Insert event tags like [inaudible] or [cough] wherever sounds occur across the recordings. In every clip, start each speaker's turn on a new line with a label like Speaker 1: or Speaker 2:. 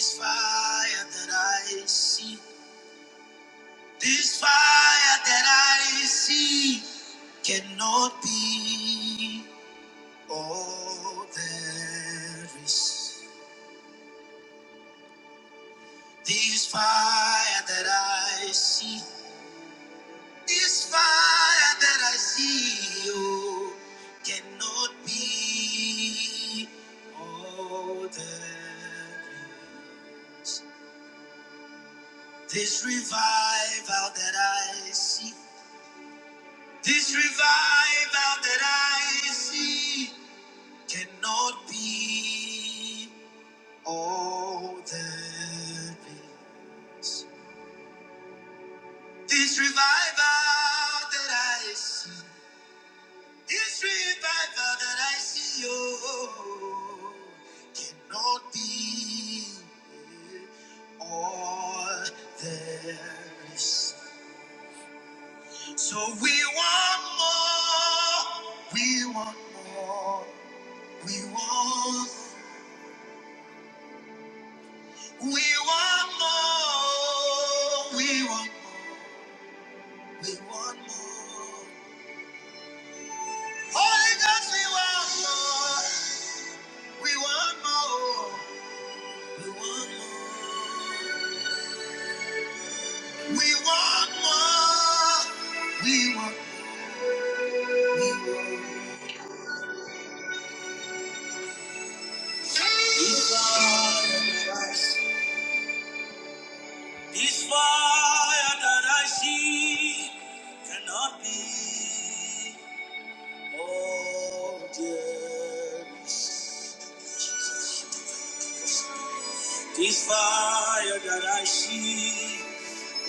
Speaker 1: This fire that I see, this fire that I see cannot be all there is. This fire that I see, this fire that I see, oh, cannot be altered. This revival that I see, this revival that I see, cannot be altered. This revival that I see. This revival that I see, oh, cannot be all there is. So we want more, we want more, we want, we want more, we want, we want more. Holy Ghost, we want more, we want more, we want more. We want more. We want more. this fire. This fire that I see cannot be. Oh, dear. This fire that I see,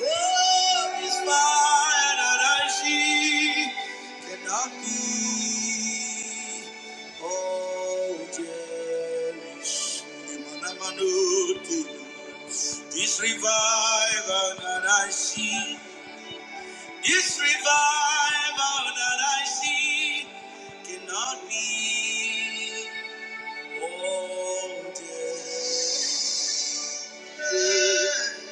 Speaker 1: oh, this fire that I see cannot be. Oh, cherish. This revival that I see, this revival that I see cannot be. Oh, dear. This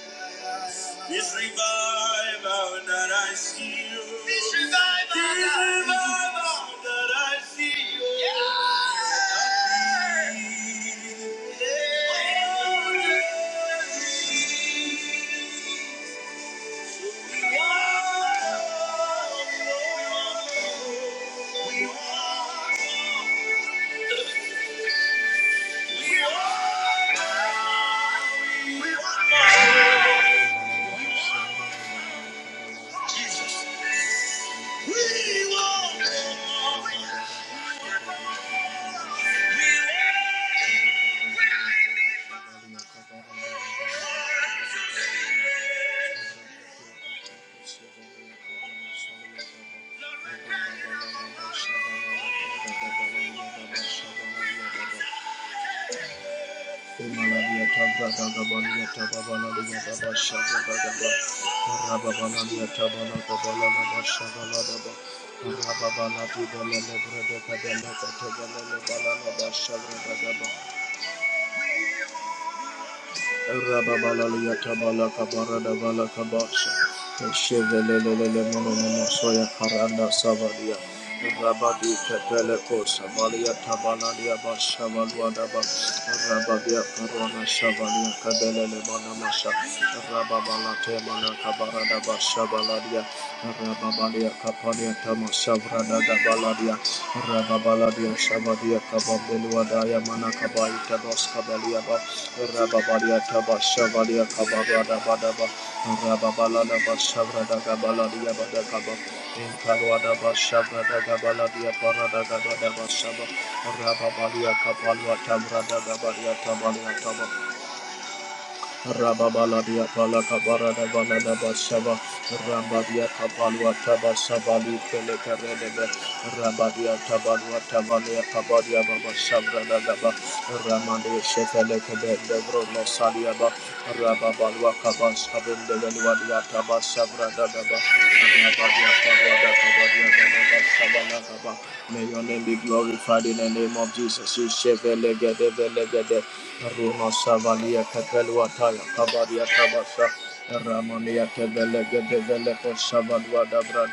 Speaker 1: revival that I see you. This revival. This revival that I see you. Yeah. We want, we want, we want, we want. Jesus. We want more. We want more. Rabba Bala, Rababalakabaradabalakabasha. Eshevelelelemonomonosoya karanda savalia. Rabadi kepeleko savalia tabalalia bashavaluadaba. Rabadia karona shavalia kabelelemonamasha. Rababalatemanakabaradabashavaladia. Rababaliakapalia Shabrada Dabaladia, Rababaladia Shabadia Kababeluadaya Manakabai Tabas Kabaliaba, Rababadia Tabas Shabadia Kababada Badaba, Rababalada Bashabrada Gabaladia Badakaba, Inkaluada Bashabrada Gabaladia Parada Gabada Bashaba, Rababalia Kapalua Tabrada Gabalia Tabalia Taba, Rababaladia Palakabara de Banada Bashaba, Rabadia Kapalwa Taba Sabali Pelekaredebe, Rabadia Tabalwa Tabalia Kabadia Baba Sabra Dagaba, Ramade Shefelekebe, Lebro Nosaliaba, Rababalwa Kabas Kabin de Veluadia Daba Sabra Dadaba, Rabadia May your name be glorified in the name of Jesus. You Shevele Gede Vele Gede, Ruma Savalia Kapelwa Taya Kabadia Kabasa. Ramania Tevele Gede Vele Ko Savalwa Dabra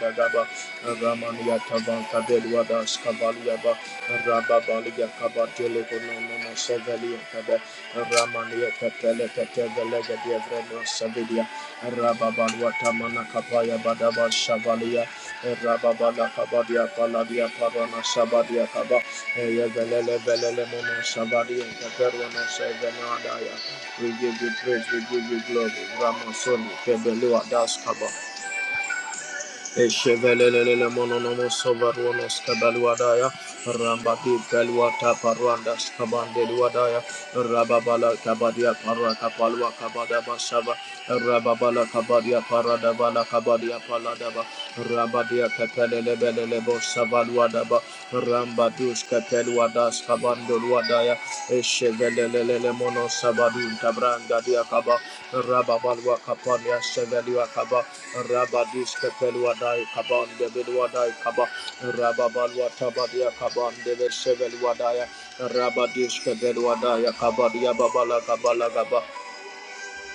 Speaker 1: Ramania Tavan Kabelwa Das Kavalia Ba, Rababalia Kabatele Konomona Sevelia Kabe, Ramania Kapele Katevele Gede Vremo Rababalwatamana kapaya badaba shavalia. Rababala kabadia paladia parana shabadia kaba. Eya velele velele kaperwana shevenadaya. We give you praise, we give you glory. Ramasoni kebelua das kaba. Eshevelelele mononomo sovaruano skabaluadaya Rambati kaluata paruanda skabandeluadaya Rababala kabadia parua kapalua kabada basava Rababala kabadia parada bala kabadia paladaba Rabadia kapelelebelelebo savaluadaba Rambadush kapelelebelelebo Keluadas Kabando Luadaya, Eshevelele Mono Sabadun Tabranga Diakaba, Rababalwa Kapania Sevelua Kaba, Rabadis Kepeluadai Kaban Deviluadai Kaba, Rababalwa Tabadia Kaban Deve Seveluadaya, Rabadis Kebeluadaya Kabadia Babala Kabala Gaba.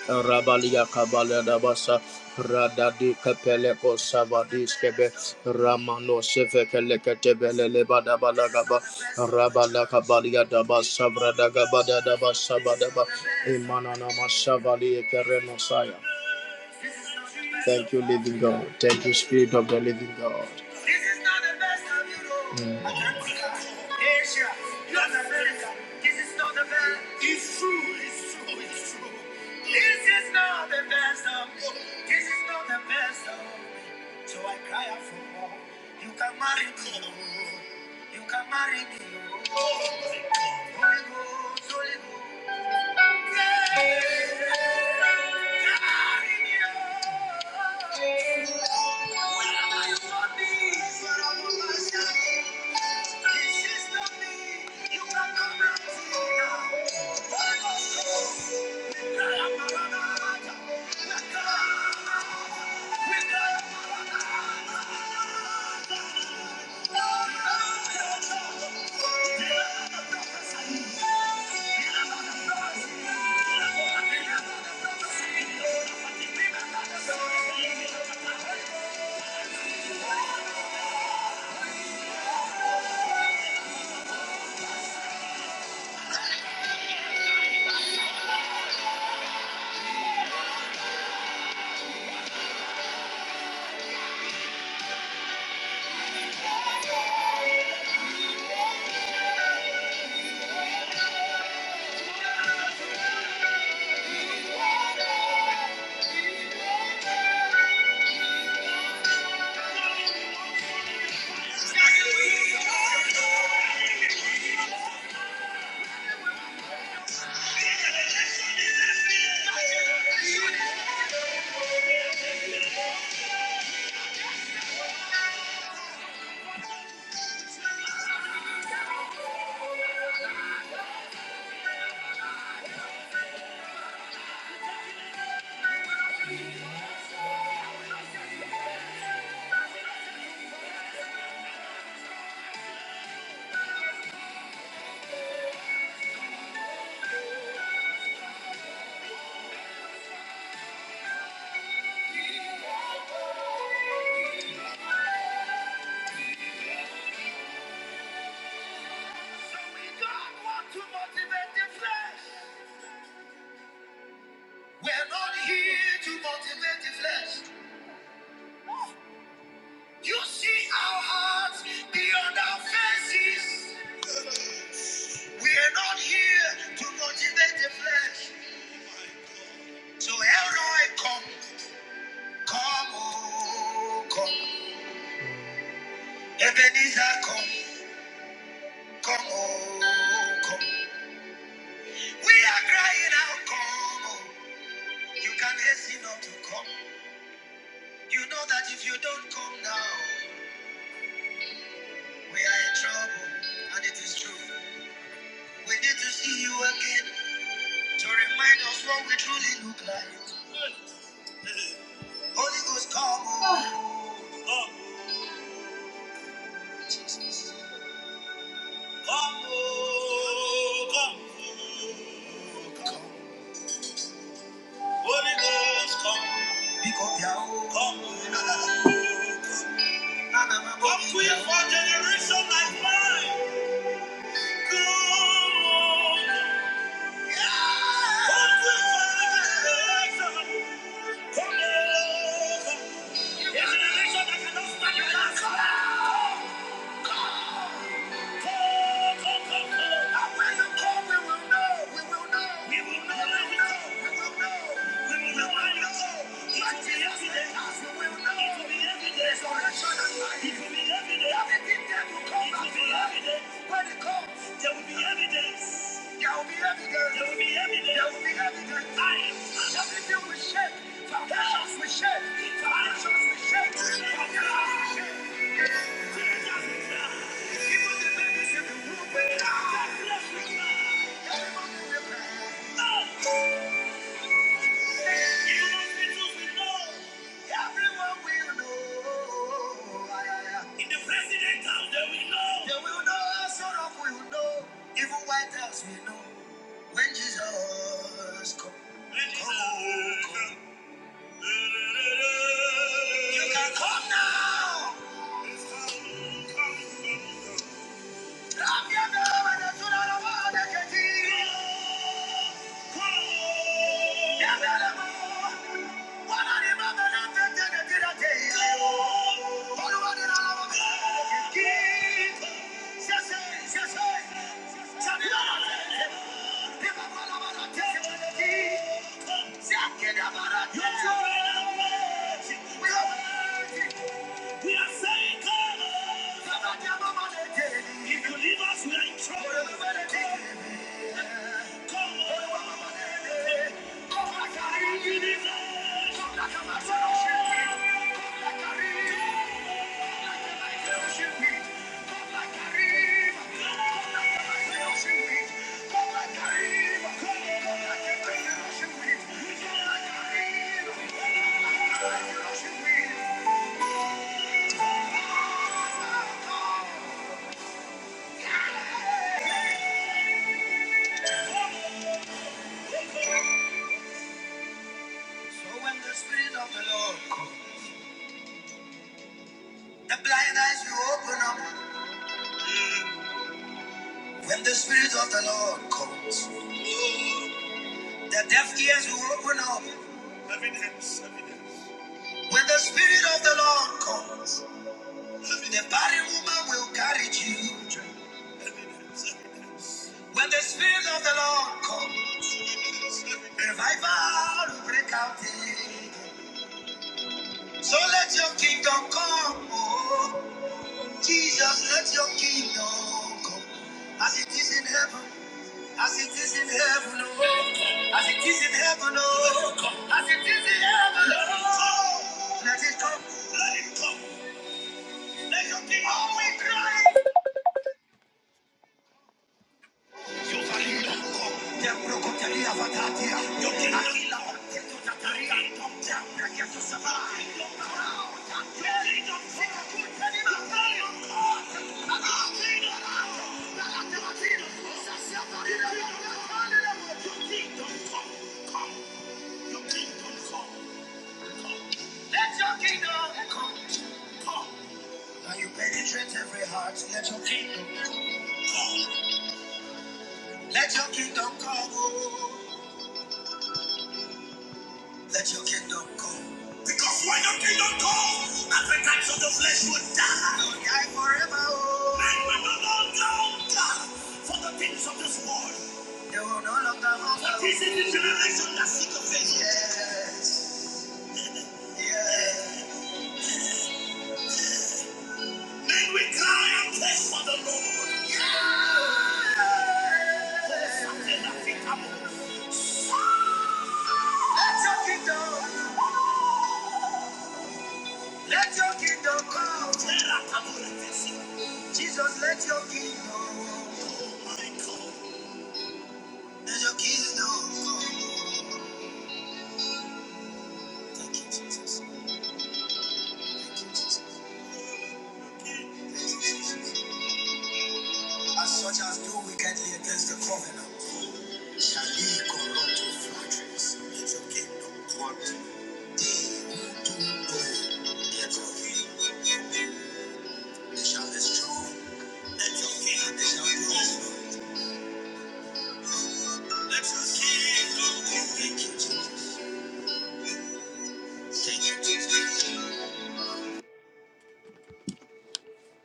Speaker 1: Rabalia Kabala Dabasa Radadi Kapeleko Savadiskebe Ramano Sevekelekatebele Lebadabalagaba Rabala Kabalia Dabasa Bradagabada Dabasa Badaba Imanana Masavali Kerenosaya Thank you, living God. Thank you, Spirit of the living God. This So You can marry me, Holy Ghost, Holy Ghost. We're not here to motivate the flesh. You see our hearts beyond our faces. We are not here to motivate the flesh. So Elroy, come, come, oh, come. Ebenezer, come, come, oh, come. We are crying out, come, oh. You can hasten not to come. You know that if you don't come now, we are in trouble. And it is true. We need to see you again. to remind us what we truly look like. Holy Ghost, come, oh, come, oh, Jesus. Come, oh, come, oh, come. Holy Ghost, come. Pick up your own. Come, oh, come. None of Come body quick for now. generation like mine. Come, oh, come quick for a generation. Come, oh, A generation that cannot stand your last. Come on. There will be evidence. There will be evidence. There will be evidence. There will be evidence. I am. Everything will shake. Foundations will shake. Foundations will shake. Foundations will shake. In the president's they will know. They will know. Sorrow will know. Even White House will know. When Jesus comes. You can come now. Thank you. We are saying, come on. If you leave us, we are in trouble. Come on. Come like a universe. Come like a master. Come like a river. So when the Spirit of the Lord comes, the blind eyes will open up. When the Spirit of the Lord comes, the deaf ears will open up. Evidence, evidence. When the Spirit of the Lord comes, the barren woman will carry children. Evidence, evidence. When the Spirit of the Lord comes, revival will break out. in. So let your kingdom come. oh. Jesus, let your kingdom come. As it is in heaven, as it is in heaven, oh. As it is in heaven, oh. Come. Let it come. Let it come. Demrokotelia vatatia. Your kingdom come. Come. Your kingdom come. Come. Let your kingdom come. Come. And you penetrate every heart. Let your kingdom. Let your kingdom come. oh. Let your kingdom come. Because when your kingdom comes, appetites of the flesh will die. Will die forever. oh. Men will no longer die for the things of this world. For this is the generation that seek the face of it. Yes. Men will cry and thirst for the Lord. For something that we come on. Let your kingdom come. Jesus, let your kingdom come. Oh my God. Let your kingdom come. Thank you, Jesus. As such as do wickedly against the covenant, shall ye corrupt with flatteries in your kingdom. What they who do know their God, they shall destroy. Let your kingdom they shall be destroyed. Let your kingdom come. Thank you, Jesus. Thank you, Jesus.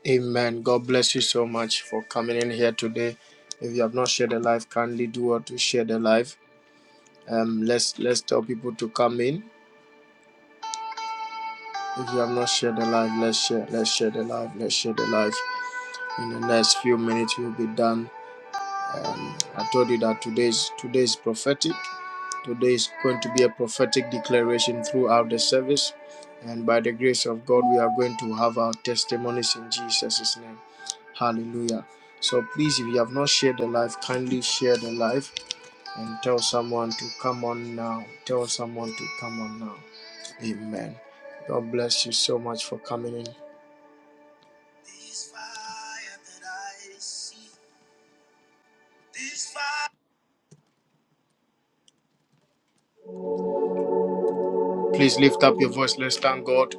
Speaker 1: Amen. God bless you so much for coming in here today. If you have not shared the life, kindly do what to share the life. Um, let's let's tell people to come in. If you have not shared the life, let's share. Let's share the life. Let's share the life. In the next few minutes, we'll be done. Um, I told you that today's today's prophetic. Today is going to be a prophetic declaration throughout the service, and by the grace of God, we are going to have our testimonies in Jesus' name. Hallelujah. So please, if you have not shared the life, kindly share the life and tell someone to come on now. Tell someone to come on now. Amen. God bless you so much for coming in. Please lift up your voice. Let's thank God.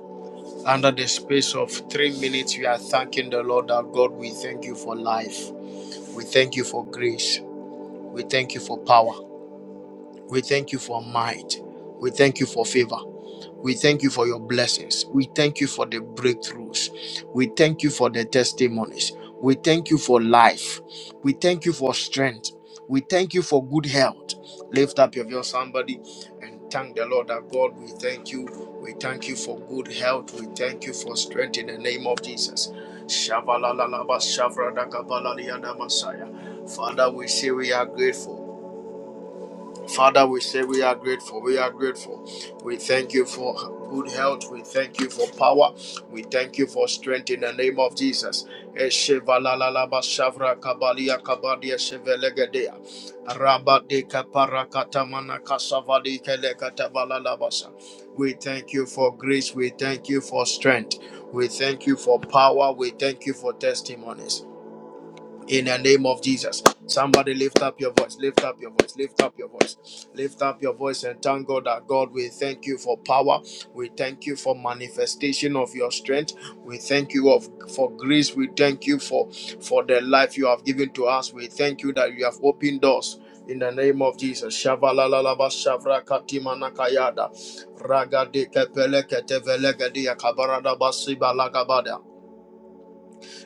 Speaker 1: Under the space of three minutes, we are thanking the Lord our God. We thank you for life. We thank you for grace. We thank you for power. We thank you for might. We thank you for favor. We thank you for your blessings. We thank you for the breakthroughs. We thank you for the testimonies. We thank you for life. We thank you for strength. We thank you for good health. Lift up your voice, somebody, and thank the Lord that God, we thank you. We thank you for good health. We thank you for strength in the name of Jesus. Shavalalalaba, shavradakabalaliadamasaya. Father, we say we are grateful. Father, we say we are grateful. We are grateful. We thank you for good health. We thank you for power. We thank you for strength in the name of Jesus. Eshevalalalaba shavra kabalia kabadia shevelegedea. Rabadeka parakatamana kasavali kelekatabalalabasa. We thank you for grace. We thank you for strength. We thank you for power. We thank you for testimonies in the name of Jesus. Somebody lift up your voice, lift up your voice, lift up your voice, lift up your voice and thank God that God, we thank you for power. We thank you for manifestation of your strength. We thank you of for grace. We thank you for for the life you have given to us. We thank you that you have opened doors. In the name of Jesus, Shavalalalaba Shavra Katimana Kayada, Ragadike Pelekete Velegede Kabarada Basibala Gabada,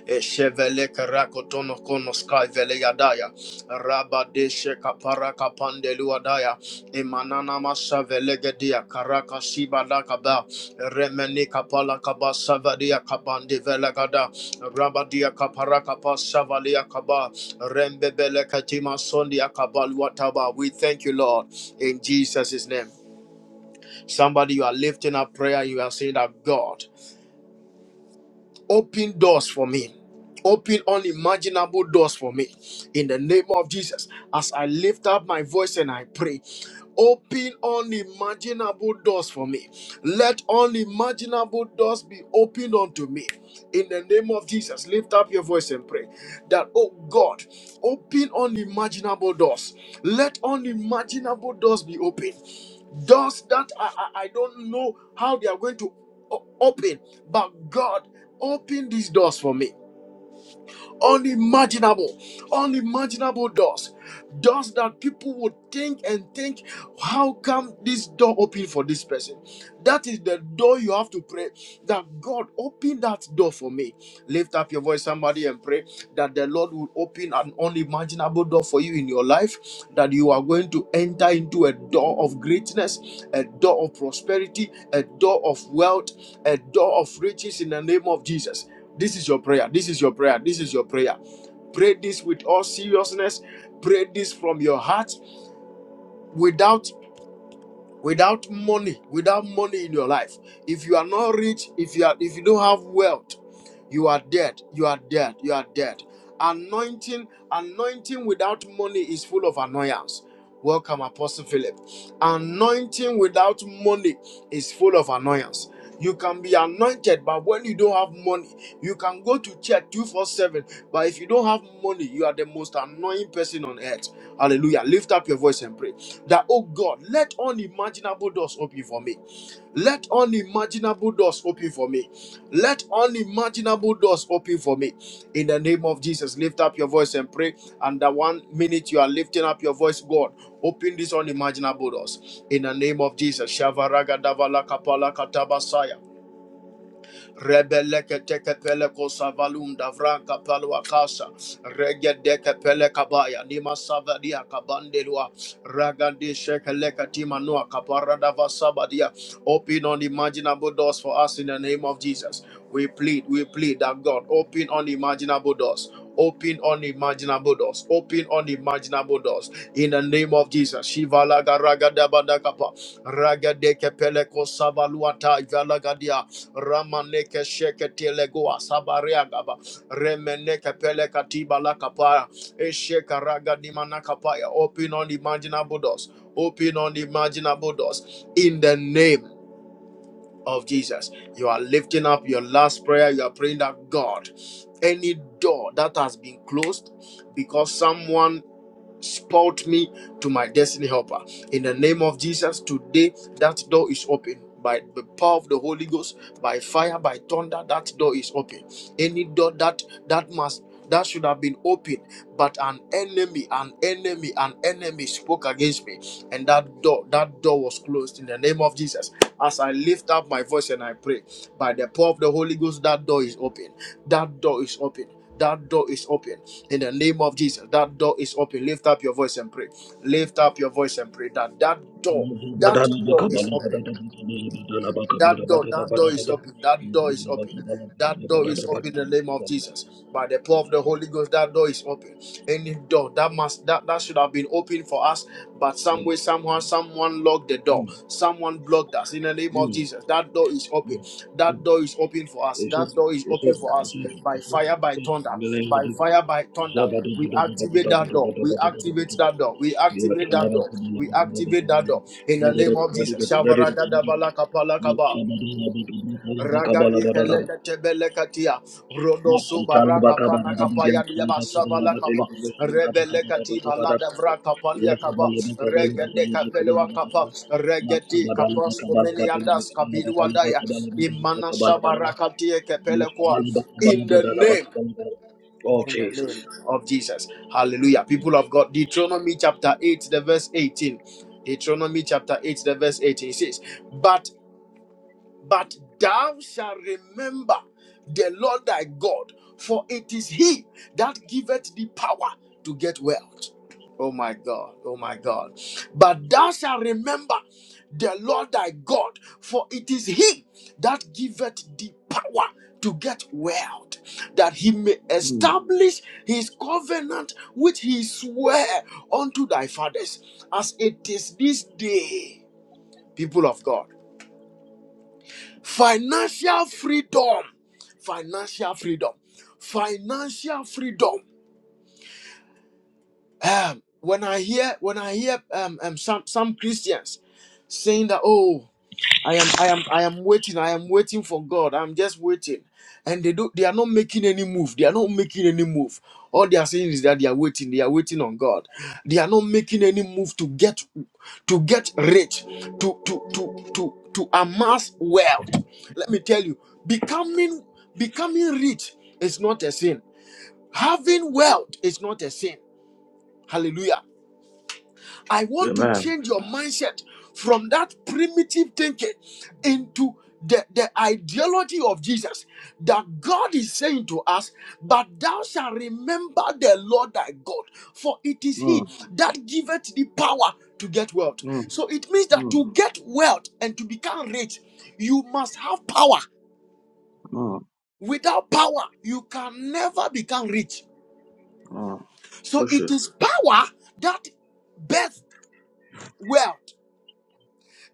Speaker 1: Eshevele karakotono kono sky vele yadaya. Rabade sheka paraka pandelu adaya. Imanana masha vele gedia karaka shiba lakaba. Remeni kapala kaba savadia kapande vele gada. Rabadia kaparaka pa kaba. Rembebele katima sondia kabaluataba. We thank you, Lord, in Jesus' name. Somebody, you are lifting up prayer. You are saying that God open doors for me. Open unimaginable doors for me in the name of Jesus. As I lift up my voice and I pray, open unimaginable doors for me. Let unimaginable doors be opened unto me in the name of Jesus. Lift up your voice and pray that, oh God, open unimaginable doors. Let unimaginable doors be opened doors that I, I, I don't know how they are going to o- open, but God, open these doors for me. Unimaginable, unimaginable doors, doors that people would think and think, how come this door open for this person? That is the door you have to pray that God open that door for me. Lift up your voice, somebody, and pray that the Lord will open an unimaginable door for you in your life, that you are going to enter into a door of greatness, a door of prosperity, a door of wealth, a door of riches in the name of Jesus. This is your prayer. This is your prayer. This is your prayer. Pray this with all seriousness. Pray this from your heart without without money without money in your life if you are not rich if you are if you don't have wealth you are dead. You are dead. You are dead. Anointing, anointing without money is full of annoyance. Welcome, Apostle Philip. Anointing without money is full of annoyance. You can be anointed, but when you don't have money, you can go to church twenty-four seven. But if you don't have money, you are the most annoying person on earth. Hallelujah. Lift up your voice and pray that, oh God, let unimaginable doors open for me. Let unimaginable doors open for me. Let unimaginable doors open for me. In the name of Jesus, lift up your voice and pray. And the one minute you are lifting up your voice, God, open these unimaginable doors. In the name of Jesus, Shavaraga Davala Kapala Katabasaya. Rebeleke teke pele ko savalum davranka palwa kasa. Rege deke pele kabaya. Nima savadia kabandelwa. Ragandi shekeleka timanua kaparada vasabadia. Open unimaginable doors for us in the name of Jesus. We plead, we plead that God open unimaginable doors. Open unimaginable doors. Open unimaginable doors. In the name of Jesus. Shiva laga raga daba dakapa. Raga deke peleko savaluata ivalagadia. Ramaneke sheke telegoa sabariagaba. Remeneke peleka tiba lakapaya. Esheka raga dimanakapaya. Open unimaginable doors. Open unimaginable doors. In the name of Jesus. You are lifting up your last prayer. You are praying that God, any door that has been closed because someone spoiled me to my destiny helper. In the name of Jesus, today that door is open. By the power of the Holy Ghost, by fire, by thunder, that door is open any door that that must that should have been opened but an enemy an enemy an enemy spoke against me and that door that door was closed in the name of jesus as i lift up my voice and i pray by the power of the holy ghost that door is open that door is open that door is open in the name of jesus that door is open lift up your voice and pray lift up your voice and pray that that door
Speaker 2: Zabada
Speaker 1: that door is open that door, that door is open. That door is open. That door is open in the name of Jesus. By the power of the Holy Ghost, that door is open. Any door that must that, that should have been open for us, but some way, somehow, someone locked the door. Someone blocked us in the name of Jesus. That that door is open. That door is open for us. That door is open for us by fire, by thunder, by fire, by thunder. We activate that door. We activate that door. We activate that door. We activate that door. In the name of Jesus. Shavaragadabala kapalakaba. Ragadi pelekete belekatia,
Speaker 2: Oh,
Speaker 1: rodo subara kapana kapa yadia basabala kapa, rebele kati balada vra kapalia kapa, regede kapelewa kapa, regeti kapas komeni yadas kabilwa daya, imana shabara katie kepele kwa, in the name. In the name
Speaker 2: Jesus.
Speaker 1: of Jesus. Hallelujah. People of God, Deuteronomy chapter 8, the verse 18. Deuteronomy chapter 8, the verse 18 says, But but thou shalt remember the Lord thy God, for it is he that giveth thee power to get wealth. Oh my God, oh my God. But thou shalt remember the Lord thy God, for it is he that giveth thee power to get wealth, that he may
Speaker 2: Mm,
Speaker 1: establish his covenant which he sware unto thy fathers, as it is this day, people of God. Financial freedom. Financial freedom. Financial freedom. Um, when I hear when I hear um, um some some Christians saying that oh I am I am I am waiting. I am waiting for God. I'm just waiting. And they do they are not making any move. They are not making any move. All they are saying is that they are waiting. They are waiting on God. They are not making any move to get to get rich, to to to to to amass wealth. Let me tell you, becoming becoming rich is not a sin. Having wealth is not a sin. Hallelujah. I want
Speaker 2: Amen.
Speaker 1: to change your mindset from that primitive thinking into the, the ideology of Jesus that God is saying to us, but thou shalt remember the Lord thy God, for it is
Speaker 2: mm,
Speaker 1: he that giveth the power to get wealth.
Speaker 2: mm,
Speaker 1: So it means that
Speaker 2: mm,
Speaker 1: to get wealth and to become rich, you must have power.
Speaker 2: mm,
Speaker 1: Without power, you can never become rich.
Speaker 2: mm.
Speaker 1: So
Speaker 2: Push it.
Speaker 1: it is power that birth wealth.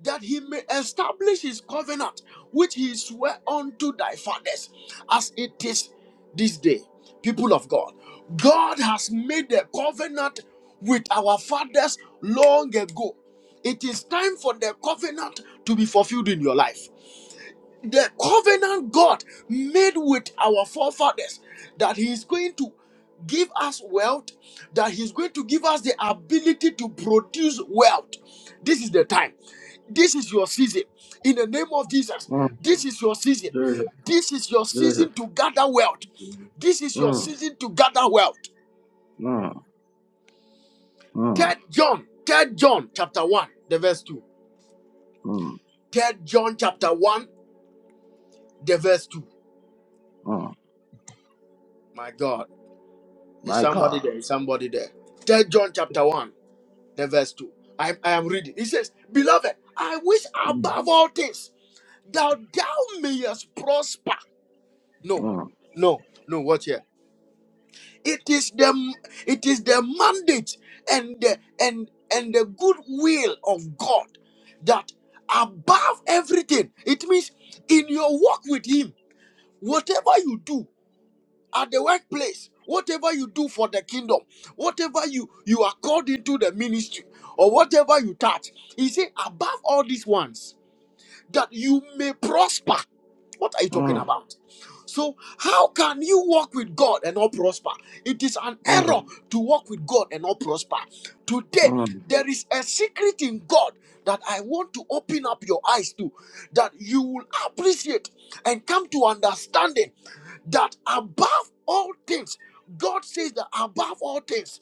Speaker 1: that he may establish his covenant, which he swore unto thy fathers, as it is this day. People of God, God has made a covenant with our fathers long ago. It is time for the covenant to be fulfilled in your life the covenant God made with our forefathers that He is going to give us wealth, that He's going to give us the ability to produce wealth. This is the time. This is your season. In the name of Jesus,
Speaker 2: Mm,
Speaker 1: this is your season.
Speaker 2: Jesus,
Speaker 1: This is your
Speaker 2: Jesus.
Speaker 1: season to gather wealth. This is your
Speaker 2: Mm,
Speaker 1: season to gather wealth.
Speaker 2: mm, mm,
Speaker 1: Third John, Third John chapter 1, the verse 2.
Speaker 2: mm,
Speaker 1: Third John chapter 1, the verse 2.
Speaker 2: mm.
Speaker 1: My God. Is
Speaker 2: My
Speaker 1: somebody
Speaker 2: God.
Speaker 1: there? Is somebody there? Third John chapter 1, the verse 2. I, I am reading. It says, Beloved, I wish above all things that thou mayest prosper. No,
Speaker 2: Mm,
Speaker 1: no, no, watch here. It is the it is the mandate and the and and the good will of God that above everything, it means in your walk with him, whatever you do. at the workplace whatever you do for the kingdom whatever you you are called into the ministry or whatever you touch he said above all these ones that you may prosper. What are you talking
Speaker 2: mm,
Speaker 1: about? So, how can you walk with God and not prosper? It is an
Speaker 2: mm,
Speaker 1: error to walk with God and not prosper. Today,
Speaker 2: mm.
Speaker 1: there is a secret in God that I want to open up your eyes to, that you will appreciate and come to understanding that above all things, God says that above all things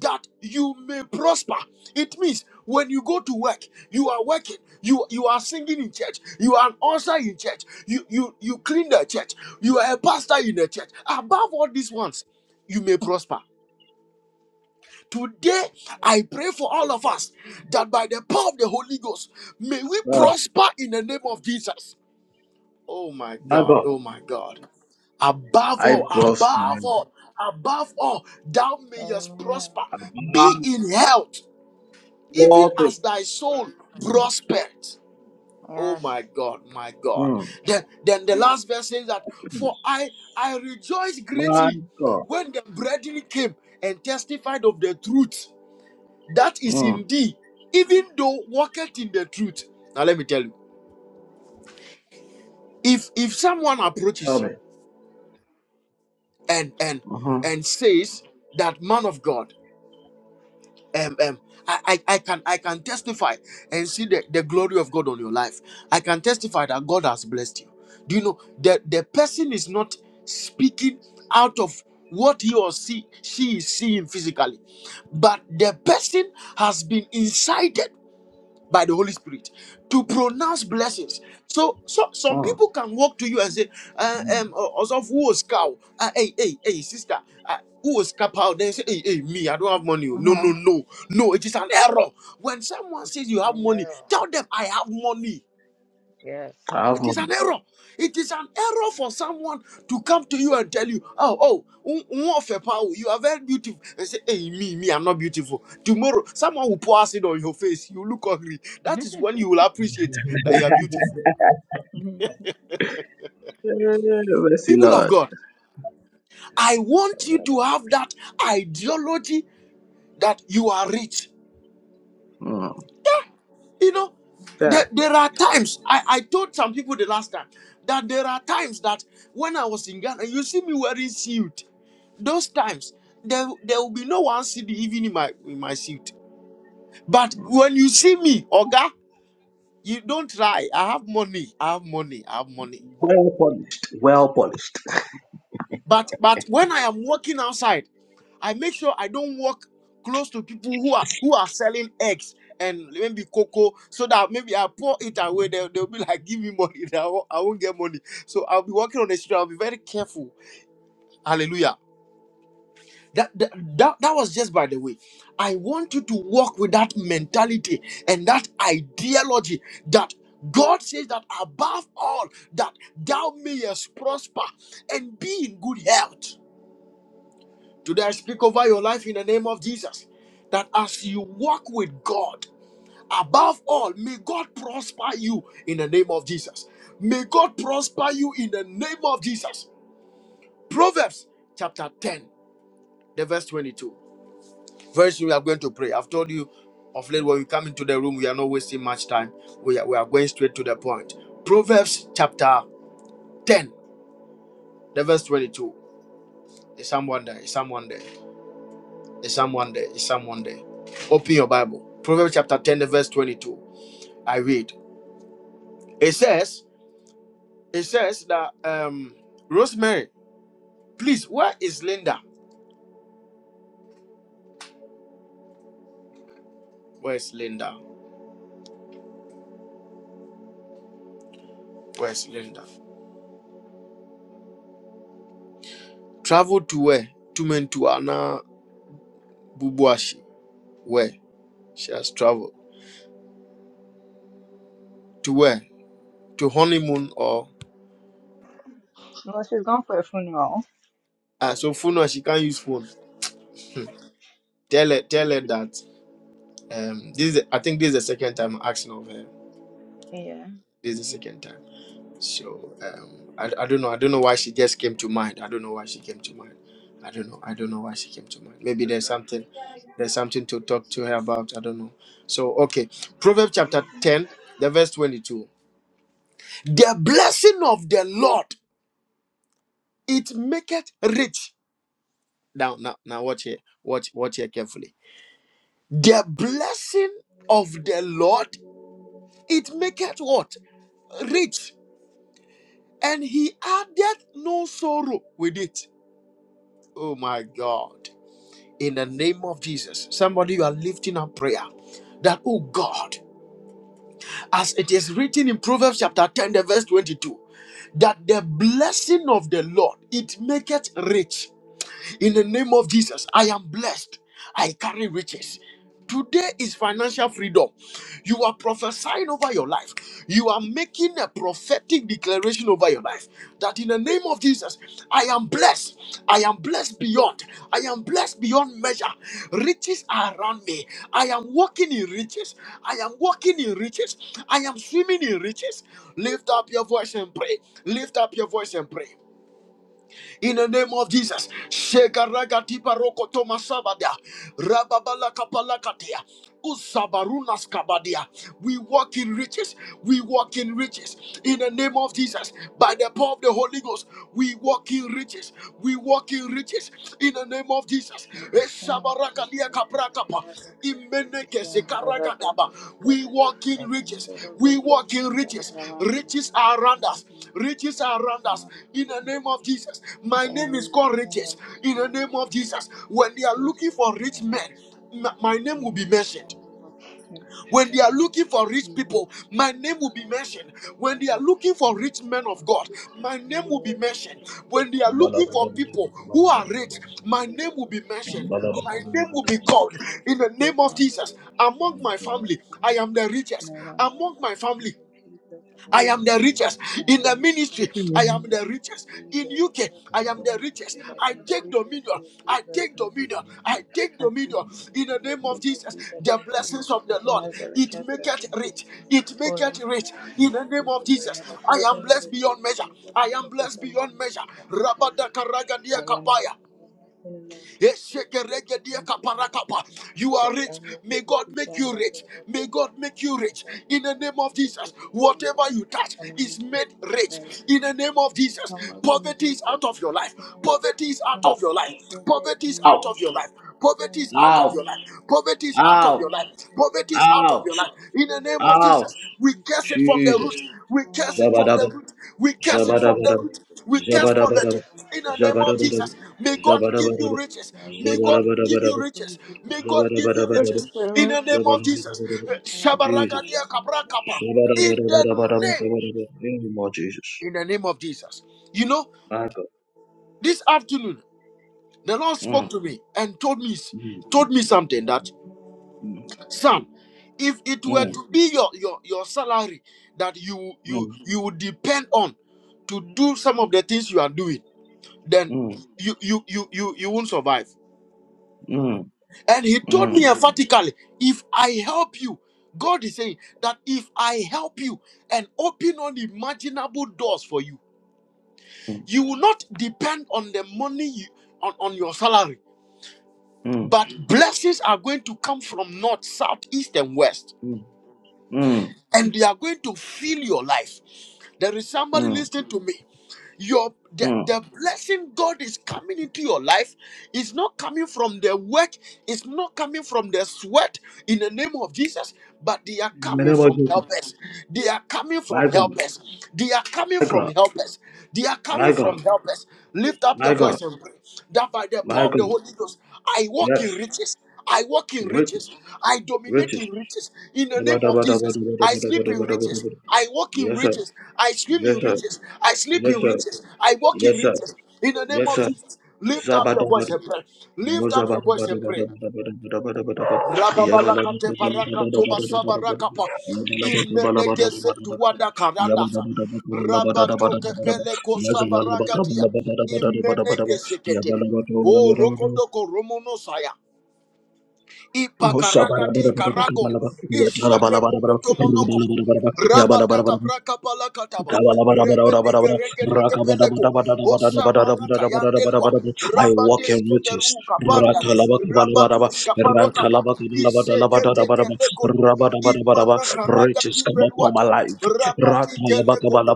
Speaker 1: that you may prosper. It means when you go to work, you are working, you you are singing in church, you are an usher in church, you you you clean the church, you are a pastor in the church. Above all these ones, you may prosper. Today, I pray for all of us that by the power of the Holy Ghost, may we
Speaker 2: Ah,
Speaker 1: prosper in the name of Jesus. Oh my
Speaker 2: my God.
Speaker 1: God, oh my God above
Speaker 2: I
Speaker 1: all,
Speaker 2: prosper
Speaker 1: above all, above all, thou mayest
Speaker 3: Amen.
Speaker 1: prosper,
Speaker 2: above
Speaker 1: be in health even
Speaker 2: all things.
Speaker 1: as thy soul prospered. Oh
Speaker 3: Yes.
Speaker 1: my God, my God.
Speaker 2: Mm.
Speaker 1: Then, then the last verse says that, For I I rejoiced
Speaker 2: My
Speaker 1: greatly
Speaker 2: God.
Speaker 1: when the brethren came and testified of the truth that is
Speaker 2: Mm.
Speaker 1: in thee, even though walketh in the truth. Now let me tell you, if if someone approaches
Speaker 2: Help me.
Speaker 1: you and and
Speaker 2: Mm-hmm.
Speaker 1: and says that man of God. um, um, I, I, I can I can testify and see the, the glory of God on your life. I can testify that God has blessed you. Do you know that the person is not speaking out of what he or she, she is seeing physically, but the person has been incited by the Holy Spirit to pronounce blessings. So, so some
Speaker 2: Mm.
Speaker 1: people can walk to you and say, uh, um, of who was cow? Uh, hey, hey, hey, sister, uh, who was cow? Then you say, hey, hey, me, I don't have money. oh." No,
Speaker 3: Uh-huh.
Speaker 1: no, no, no, it is an error. When someone says you
Speaker 3: So
Speaker 1: have money,
Speaker 3: no.
Speaker 1: tell them I have money.
Speaker 3: Yes.
Speaker 2: I have
Speaker 1: It is
Speaker 2: money.
Speaker 1: an error. It is an error for someone to come to you and tell you, oh, oh, un- un of a power, you are very beautiful. And say, hey, me, me, I'm not beautiful. Tomorrow, someone will pour acid on your face. You look ugly. That
Speaker 3: [laughs]
Speaker 1: is when you will appreciate that you are beautiful.
Speaker 3: Mhm.
Speaker 2: Eh, Mercy,
Speaker 1: People of
Speaker 2: Lord.
Speaker 1: God, I want you to have that ideology that you are rich.
Speaker 2: Mm.
Speaker 1: You know,
Speaker 2: Yeah.
Speaker 1: there, there are times, I, I told some people the last time, that there are times that when I was in Ghana, you see me wearing suit. Those times, there, there will be no one CD even in my, in my suit. But when you see me, Oga, you don't try. I have money. I have money. I have money.
Speaker 2: Well polished. Well polished.
Speaker 1: But but when I am walking outside, I make sure I don't walk close to people who are who are selling eggs and maybe cocoa, so that maybe I pour it away. They'll, they'll be like, "Give me money." [laughs] I won't, I won't get money. So I'll be walking on the street. I'll be very careful. Hallelujah. That, that that that was just by the way. I want you to walk with that mentality and that ideology that God says that above all that thou mayest prosper and be in good health. Today I speak over your life in the name of Jesus that as you walk with God, above all, may God prosper you in the name of Jesus. May God prosper you in the name of Jesus. Proverbs chapter 10, the verse 22. Very soon we are going to pray. I've told you of late when we come into the room, we are not wasting much time. We are, we are going straight to the point. Proverbs chapter 10, the verse 22. Is someone there? Is someone there? It's Psalm one day. It's Psalm one day. Open your Bible. Proverbs chapter 10, the verse 22. I read. It says, it says that um Rosemary, please, where is Linda? Where's Linda? Where's Linda? Travel to where? To Mentuana Bubuashi. Where? She has traveled. To where? To honeymoon or
Speaker 3: Well, she's going for a funeral.
Speaker 1: ah, so phone no, she can't use phone. Hmm. Tell her tell her that um this is the- I think this is the second time I'm asking of her.
Speaker 3: Yeah.
Speaker 1: This is the second time. So um, I, I don't know. I don't know why she just came to mind. I don't know why she came to mind. I don't know. I don't know why she came to mind. Maybe there's something, there's something to talk to her about. I don't know. So okay, Proverbs chapter ten, the verse twenty-two. The blessing of the Lord it maketh rich. Now, now, now, watch here. Watch, watch here carefully. The blessing of the Lord it maketh what rich, and He addeth no sorrow with it. Oh my God. in the name of Jesus. Somebody, you are lifting up prayer that, oh God, as it is written in Proverbs chapter 10, the verse 22, that the blessing of the Lord it maketh rich in the name of Jesus, I am blessed. I carry riches. Today is financial freedom. You are prophesying over your life. You are making a prophetic declaration over your life that in the name of Jesus, I am blessed. I am blessed beyond. I am blessed beyond measure. Riches are around me. I am walking in riches. I am walking in riches. I am swimming in riches. Lift up your voice and pray. Lift up your voice and pray in the name of Jesus. Shegaragatipa rokotoma sabadia. Rababalakapalakatia. Usabarunas kabadia. We walk in riches. We walk in riches. In the name of Jesus. By the power of the Holy Ghost. We walk in riches. We walk in riches. In the name of Jesus.
Speaker 3: Mhm. Funeral chief is my pocket.
Speaker 1: We walk
Speaker 3: I
Speaker 1: in
Speaker 3: can
Speaker 1: riches.
Speaker 3: do the
Speaker 1: We
Speaker 3: whiskey
Speaker 1: walk in
Speaker 3: and the
Speaker 1: riches.
Speaker 3: rubber my
Speaker 1: Riches are
Speaker 3: pocket. I
Speaker 1: around us. Riches are around
Speaker 3: can do
Speaker 1: us. In
Speaker 3: the
Speaker 1: the name of Jesus. My
Speaker 3: The
Speaker 1: name is
Speaker 3: enriches
Speaker 1: called
Speaker 3: in the
Speaker 1: riches. In the name of
Speaker 3: Muslim
Speaker 1: Jesus. When they are
Speaker 3: is
Speaker 1: looking for
Speaker 3: working
Speaker 1: rich men,
Speaker 3: around the
Speaker 1: m- my
Speaker 3: people
Speaker 1: name will be
Speaker 3: from
Speaker 1: mentioned.
Speaker 3: the
Speaker 1: When they are looking for rich people, my name will be mentioned. When they are looking for rich men of God, my name will be mentioned. When they are looking for people who are rich, my name will be mentioned. My name will be called in the name of Jesus.
Speaker 3: Christian
Speaker 1: Among my family, I am the
Speaker 3: and
Speaker 1: richest.
Speaker 3: I want
Speaker 1: Among my
Speaker 3: to
Speaker 1: family,
Speaker 3: repeat the
Speaker 1: I am the
Speaker 3: word
Speaker 1: richest.
Speaker 3: uh,
Speaker 1: In the
Speaker 3: where it came
Speaker 1: ministry,
Speaker 3: in
Speaker 1: I
Speaker 3: the
Speaker 1: am
Speaker 3: power
Speaker 1: the
Speaker 3: of
Speaker 1: richest. In
Speaker 3: Jesus.
Speaker 1: UK,
Speaker 3: What is
Speaker 1: I am the
Speaker 3: around the
Speaker 1: richest.
Speaker 3: thing that
Speaker 1: I
Speaker 3: people in the
Speaker 1: take
Speaker 3: richest
Speaker 1: dominion.
Speaker 3: in
Speaker 1: I
Speaker 3: Jesus
Speaker 1: take dominion.
Speaker 3: might be
Speaker 1: I take
Speaker 3: as
Speaker 1: dominion.
Speaker 3: richest in
Speaker 1: In
Speaker 3: the
Speaker 1: the name
Speaker 3: mighty
Speaker 1: of
Speaker 3: name of
Speaker 1: Jesus,
Speaker 3: Jesus? I
Speaker 1: the
Speaker 3: come with
Speaker 1: blessings of the
Speaker 3: position
Speaker 1: Lord,
Speaker 3: as the
Speaker 1: it
Speaker 3: richest person
Speaker 1: maketh
Speaker 3: in
Speaker 1: rich.
Speaker 3: this room.
Speaker 1: It
Speaker 3: All of
Speaker 1: maketh
Speaker 3: the
Speaker 1: rich.
Speaker 3: mighty
Speaker 1: In the
Speaker 3: name of
Speaker 1: name of
Speaker 3: Jesus, for you
Speaker 1: Jesus,
Speaker 3: have
Speaker 1: I
Speaker 3: served
Speaker 1: am
Speaker 3: me that
Speaker 1: blessed
Speaker 3: is
Speaker 1: beyond
Speaker 3: blessed,
Speaker 1: measure.
Speaker 3: and blessed
Speaker 1: I
Speaker 3: me
Speaker 1: am
Speaker 3: to
Speaker 1: blessed beyond
Speaker 3: among you
Speaker 1: measure.
Speaker 3: to the mighty name of
Speaker 1: Rabada Karagadia
Speaker 3: I am
Speaker 1: Kapaya.
Speaker 3: making motive to the thank you thank you.
Speaker 1: You are
Speaker 3: Great bang
Speaker 1: rich.
Speaker 3: of
Speaker 1: May God
Speaker 3: the
Speaker 1: make
Speaker 3: and
Speaker 1: you
Speaker 3: the
Speaker 1: rich.
Speaker 3: little
Speaker 1: May
Speaker 3: bang
Speaker 1: God make you
Speaker 3: of
Speaker 1: rich.
Speaker 3: the great
Speaker 1: In the name of Jesus,
Speaker 3: bang of the and
Speaker 1: whatever
Speaker 3: the
Speaker 1: you touch is
Speaker 3: alone
Speaker 1: made rich.
Speaker 3: right.
Speaker 1: In the name of Jesus,
Speaker 3: I'm waiting
Speaker 1: poverty
Speaker 3: here
Speaker 1: is
Speaker 3: for
Speaker 1: out
Speaker 3: the
Speaker 1: of your life.
Speaker 3: school
Speaker 1: Poverty
Speaker 3: around
Speaker 1: is out
Speaker 2: Ow,
Speaker 3: the
Speaker 1: of your life. Poverty is
Speaker 3: Christmas
Speaker 1: out
Speaker 2: ow,
Speaker 1: of your life. Poverty is
Speaker 3: morning.
Speaker 1: out of your
Speaker 2: ow,
Speaker 1: life. Poverty is
Speaker 3: I
Speaker 1: out of
Speaker 3: love
Speaker 2: ow,
Speaker 1: your
Speaker 3: you. I
Speaker 1: life.
Speaker 3: love
Speaker 1: Poverty
Speaker 3: you.
Speaker 1: is out of
Speaker 2: ow,
Speaker 1: your life. In the name of
Speaker 2: ow.
Speaker 1: Jesus, we curse it from the
Speaker 2: Jesus.
Speaker 1: root.
Speaker 3: I
Speaker 1: We curse
Speaker 3: love
Speaker 1: it from
Speaker 2: Zabadaba,
Speaker 1: the
Speaker 3: you.
Speaker 1: root. We curse
Speaker 3: My
Speaker 1: it from
Speaker 3: phone
Speaker 1: the
Speaker 3: goes
Speaker 2: zabadabadaba,
Speaker 1: root.
Speaker 3: to
Speaker 1: We
Speaker 3: the and
Speaker 1: curse
Speaker 3: the little
Speaker 2: zabadabadaba,
Speaker 1: poverty
Speaker 3: bang of
Speaker 1: in the name of
Speaker 3: the
Speaker 2: zabadabadaba,
Speaker 1: Jesus.
Speaker 3: Roman,
Speaker 1: May God give
Speaker 3: Jesus.
Speaker 1: you
Speaker 2: zabadabadaba,
Speaker 1: riches.
Speaker 3: I
Speaker 1: May
Speaker 3: wish
Speaker 1: God
Speaker 3: you
Speaker 1: give
Speaker 2: zabadabadabadaba.
Speaker 1: you
Speaker 3: Jesus.
Speaker 1: riches.
Speaker 3: I
Speaker 1: May God give you
Speaker 3: Amen.
Speaker 1: riches in the name of Jesus. Eh,
Speaker 2: Jesus.
Speaker 1: Shabaragadia kabrakapa. In the name,
Speaker 2: Shabba-dabba-dabba-dabba-dabba-dabba-dabba. Thank you, Lord Jesus.
Speaker 1: in the name of Jesus. You know,
Speaker 2: My God.
Speaker 1: this afternoon the Lord
Speaker 2: Mm,
Speaker 1: spoke to me and told me
Speaker 2: mm,
Speaker 1: told me something that son, if it were
Speaker 2: mm,
Speaker 1: to be your your your salary that you you
Speaker 2: mm,
Speaker 1: you would depend on to do some of the things you are doing, then
Speaker 2: mm,
Speaker 1: you you you you you won't survive
Speaker 2: mm,
Speaker 1: And he told
Speaker 2: mm, mm,
Speaker 1: me emphatically, if I help you, God is saying that if I help you and open unimaginable doors for you, you will not depend on the money you, on, on your salary,
Speaker 2: mm,
Speaker 1: but blessings are going to come from north, south, east, and west
Speaker 2: mm, mm,
Speaker 1: and they are going to fill your life. There is somebody
Speaker 2: mm.
Speaker 1: listening to me. Your the,
Speaker 2: mm.
Speaker 1: the blessing God is coming into your life is not coming from the work, it's not coming from the sweat in the name of Jesus, but they are
Speaker 2: In the
Speaker 1: coming
Speaker 2: name of
Speaker 1: from
Speaker 2: Jesus.
Speaker 1: helpers. They are coming
Speaker 2: My
Speaker 1: from
Speaker 2: God.
Speaker 1: helpers. They are coming
Speaker 2: My
Speaker 1: from
Speaker 2: God.
Speaker 1: helpers. They are
Speaker 2: My
Speaker 1: coming from
Speaker 2: God.
Speaker 1: helpers. Lift up
Speaker 2: My
Speaker 1: your
Speaker 2: God.
Speaker 1: voice and pray that by the power
Speaker 2: My
Speaker 1: of the
Speaker 2: God.
Speaker 1: Holy Ghost, I walk in
Speaker 2: Yes.
Speaker 1: riches. I walk in
Speaker 2: Rich,
Speaker 1: riches. I dominate
Speaker 2: riches.
Speaker 1: in riches. In the
Speaker 2: dabba
Speaker 1: name
Speaker 2: dabba
Speaker 1: of
Speaker 2: dabba
Speaker 1: Jesus, I
Speaker 2: dabba
Speaker 1: sleep in
Speaker 2: dabba dabba
Speaker 1: riches.
Speaker 2: dabba
Speaker 1: I walk in
Speaker 2: Yes, sir.
Speaker 1: riches. I swim
Speaker 2: Yes,
Speaker 1: in
Speaker 2: sir.
Speaker 1: riches. I sleep
Speaker 2: Yes,
Speaker 1: in
Speaker 2: sir.
Speaker 1: riches. I walk in
Speaker 2: Yes, sir.
Speaker 1: riches. In the name
Speaker 2: Yes,
Speaker 1: of Jesus, lift up your
Speaker 2: sir.
Speaker 1: voice and pray.
Speaker 2: Yabala
Speaker 1: Lift up your voice and pray. Rababalakate baraka toba sabarakapa. Imeneke setuwada karandasa. Rabatoke peleko sabaragatia. Imeneke sekete. Oh, rokodoko romonosaya. Ipakaragadi karago. Isheperoko tomonokopo. Rabadaka braka palakataba.
Speaker 2: I
Speaker 1: Rebedeke regedeke peleko. Osamana kayandelwa.
Speaker 2: walk in
Speaker 1: Rabades
Speaker 2: riches.
Speaker 1: keberu kapanda. Rabatus kaparotapa. Isegeteke lekoto. Imana karaga
Speaker 2: Riches come upon my
Speaker 1: tipeluata.
Speaker 2: life.
Speaker 1: Rabatike lekoto.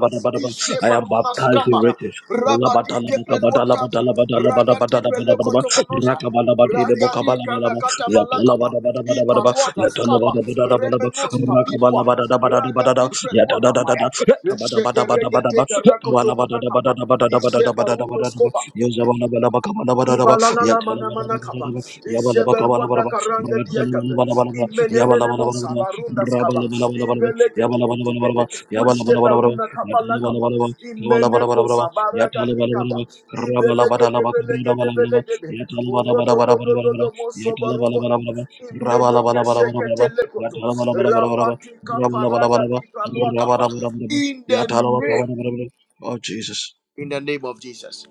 Speaker 2: I am
Speaker 1: Isheparuna
Speaker 2: baptized in
Speaker 1: skabara.
Speaker 2: riches.
Speaker 1: Rabadike peluata. Ragati pelekoto monosa. Ragadi kalakata balakapa. Ipanua gaskaba. Remenos kapilua. Ragati
Speaker 2: Ya da
Speaker 1: felua
Speaker 2: da da da
Speaker 1: kapaya.
Speaker 2: da. kabada ka ba da ba da ba da ba
Speaker 1: Eshegerege
Speaker 2: da ba.
Speaker 1: teke
Speaker 2: He ba
Speaker 1: rakoto
Speaker 2: da da ba da
Speaker 1: manakapa.
Speaker 2: da ba da da ba da
Speaker 1: Ishe
Speaker 2: da ba da ba
Speaker 1: baruno
Speaker 2: da ba.
Speaker 1: skoba.
Speaker 2: Ya za ba la ba la ba ka ba da ba. Ya ta la ba da da ba da
Speaker 1: Ibalalalamanamanakaba.
Speaker 2: ba. Ya ba la ba ka ba la ba da ba. Ra
Speaker 1: Ishebeluandakaranga diakabe.
Speaker 2: ba la ba la ba. Ya ba la ba la ba la ba. Ra ba
Speaker 1: Imenenenemosabarundaskaba.
Speaker 2: la ba la ba Ya ba la ba la ba la ba.
Speaker 1: Ibeleketeketekete.
Speaker 2: Ya ba la ba la ba la ba.
Speaker 1: Ushebarunakabalakaba.
Speaker 2: Ya ta la ba la ba la
Speaker 1: Imenekosabaragatikaba.
Speaker 2: ba. Ka ba la ba la ba Ya ta la ba la ba la ba. Ra ba la da la ba ka ba la ba la ba.
Speaker 1: Ibelegedebelegedebelege.
Speaker 2: Ya ta la ba la ba la ba la ba la ba. Ya ta la ba la ba la ba
Speaker 1: Urodododododomosobarogoto.
Speaker 2: la ba. Ra ba la ba la ba la ba la ba. Ya
Speaker 1: Imenekesheketelekot.
Speaker 2: ta la ba la ba
Speaker 1: Rabatika
Speaker 2: la ba la ba.
Speaker 1: paragati paluakapa. In the name,
Speaker 2: Oh, Jesus.
Speaker 1: in the name of Jesus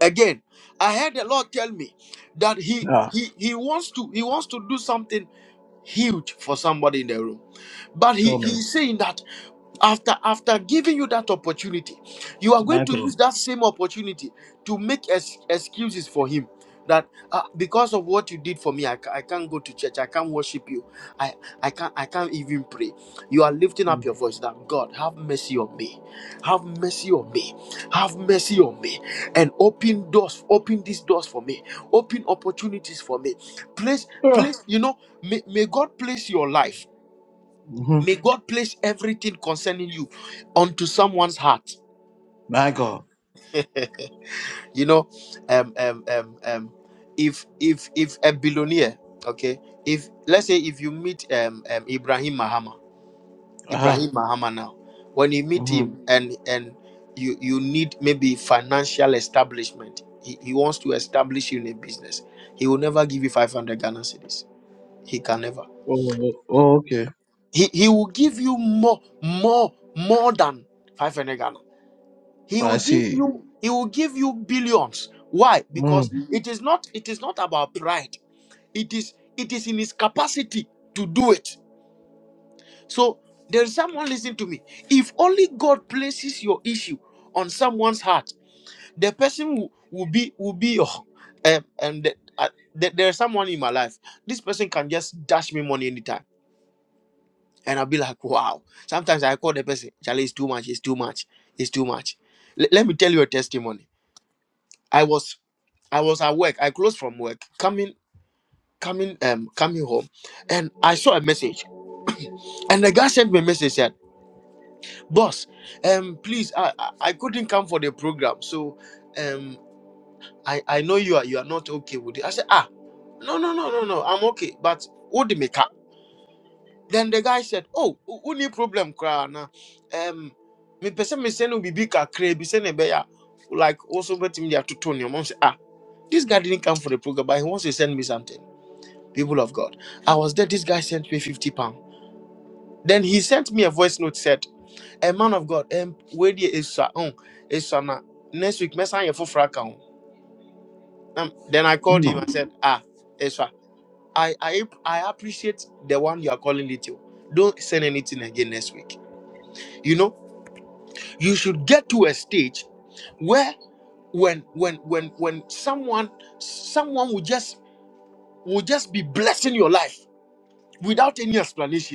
Speaker 1: again i heard the lord tell me that he
Speaker 2: Yeah,
Speaker 1: he he wants to he wants to do something huge for somebody in the room but he,
Speaker 2: tell me.
Speaker 1: he's saying that after after giving you that opportunity, you are going
Speaker 2: My
Speaker 1: to
Speaker 2: God.
Speaker 1: use that same opportunity to make ex- excuses for him. That uh, because of what you did for me, I, ca- I can't go to church. I can't worship you. I I can't I can't even pray. You are lifting up your voice. That God have mercy on me, have mercy on me, have mercy on me, and open doors, open these doors for me, open opportunities for me. Place place you know may, may God place your life.
Speaker 2: Mm-hmm.
Speaker 1: May God place everything concerning you onto someone's heart.
Speaker 2: My God.
Speaker 1: You know, um, um, um, um, if if if a billionaire, okay, if let's say if you meet um, um Ibrahim Mahama,
Speaker 2: Uh-huh.
Speaker 1: Ibrahim Mahama now, when you meet
Speaker 2: Mm-hmm.
Speaker 1: him and and you you need maybe financial establishment, he, he wants to establish you in a business. He will never give you 500 Ghana cedis. He can never.
Speaker 2: Oh, oh, oh, okay.
Speaker 1: He he will give you more more more than 500 Ghana. He
Speaker 2: I
Speaker 1: will give
Speaker 2: see.
Speaker 1: you he will give you billions. Why?
Speaker 2: Mm,
Speaker 1: Because it is not it is not about pride. It is it is in his capacity to do it. So there is someone listening to me. If only God places your issue on someone's heart, the person will, will be will be your [laughs] um, and the- uh, there there is someone in my life. This person can just dash me money anytime. And I'll be like, wow. Sometimes I call the person, Charlie, it's too much, it's too much, it's too much. Le- let me tell you a testimony I was I was at work. I closed from work, coming, coming, um, coming home, and I saw a message. And the guy sent me a message said, "Boss, um, please, I, I, I couldn't come for the program, so, um, I, I know you are you are not okay with it." I said, "Ah, no, no, no, no, no, I'm okay, but what the make up?" Then the guy said, "Oh, who need problem, cry now? Um, me person me send we big a crazy send a like also bet me there to Tony." Mom said, "Ah, this guy didn't come for the program, but he wants to send me something." people of God. I was there. This guy sent me 50 pounds. Then he sent me a voice note said, A man of God, um, where there is sa- um, is sa na- next week, mess on your full frack account." um, Then I called him
Speaker 2: mm,
Speaker 1: and said, Ah, Esra, I, I I appreciate the one you are calling little. Don't send anything again next week. You know, you should get to a stage where when when when when someone someone will just will just be blessing your life without any explanation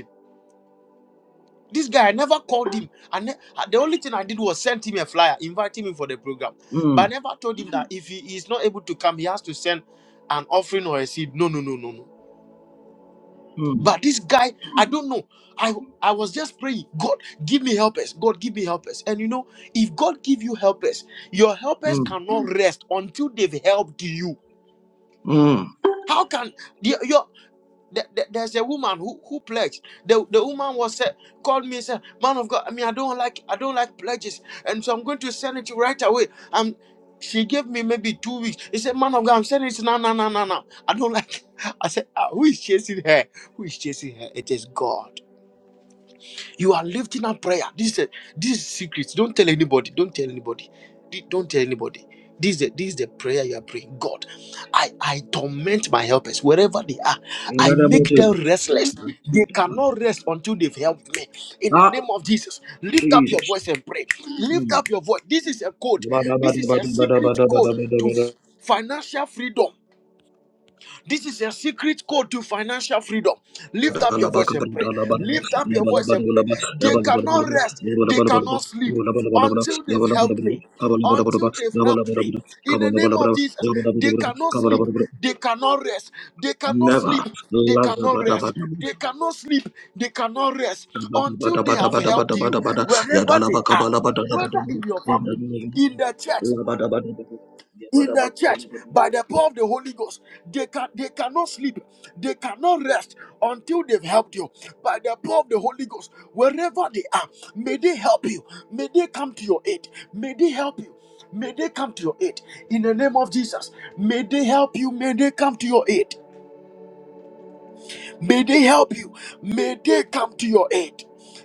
Speaker 1: This guy I never called him. And ne- uh, the only thing I did was send him a flyer, invite him in for the program. But
Speaker 2: mm,
Speaker 1: I never told him that if he is not able to come, he has to send an offering or a seed. No, no, no, no, no.
Speaker 2: mm,
Speaker 1: But this guy, I don't know. I I was just praying, God, give me helpers. God, give me helpers. And you know, if God give you helpers, your helpers
Speaker 2: mm,
Speaker 1: cannot rest until they've helped you.
Speaker 2: mm.
Speaker 1: How can your your There- there- There's a woman who, who pledged. The, the woman was said, called me and said, Man of God, I mean I don't like I don't like pledges. And so I'm going to send it right away. Um she gave me maybe two weeks. He said, Man of God, I'm sending it now, now, now, now, now. I don't like [laughs] I said, "Ah, who is chasing her? Who is chasing her? It is God. You are lifting up prayer. This is a, this is secret. Don't tell anybody. Don't tell anybody. Di- Don't tell anybody. This is the, this is the prayer you are praying. God, I I torment my helpers wherever they are.
Speaker 2: In the
Speaker 1: I
Speaker 2: name of
Speaker 1: make them
Speaker 2: Jesus.
Speaker 1: restless. They cannot rest until they've helped me. In the
Speaker 2: Ah,
Speaker 1: name of Jesus, lift up your
Speaker 2: Jesus.
Speaker 1: voice and pray. Lift
Speaker 2: Mm.
Speaker 1: up your voice. This is a code. This is a secret code to financial freedom. This is a secret code to financial freedom.
Speaker 2: Never.
Speaker 1: Lift up your voice and pray. Lift up your voice and pray. They cannot rest, they cannot sleep until they've helped me. Until they've helped me. In the name of Jesus, they cannot sleep, they cannot rest, they cannot sleep, they cannot rest, they cannot sleep, they cannot rest until they have helped you wherever they are, whether in your family, in the church in the church by the power of the Holy Ghost. They can they cannot sleep, they cannot rest until they've helped you by the power of the Holy Ghost. Wherever they are, may they help you. May they come to your aid. May they help you. May they come to your aid in the name of Jesus. May they help you. May they come to your aid. May they help you. May they come to your aid.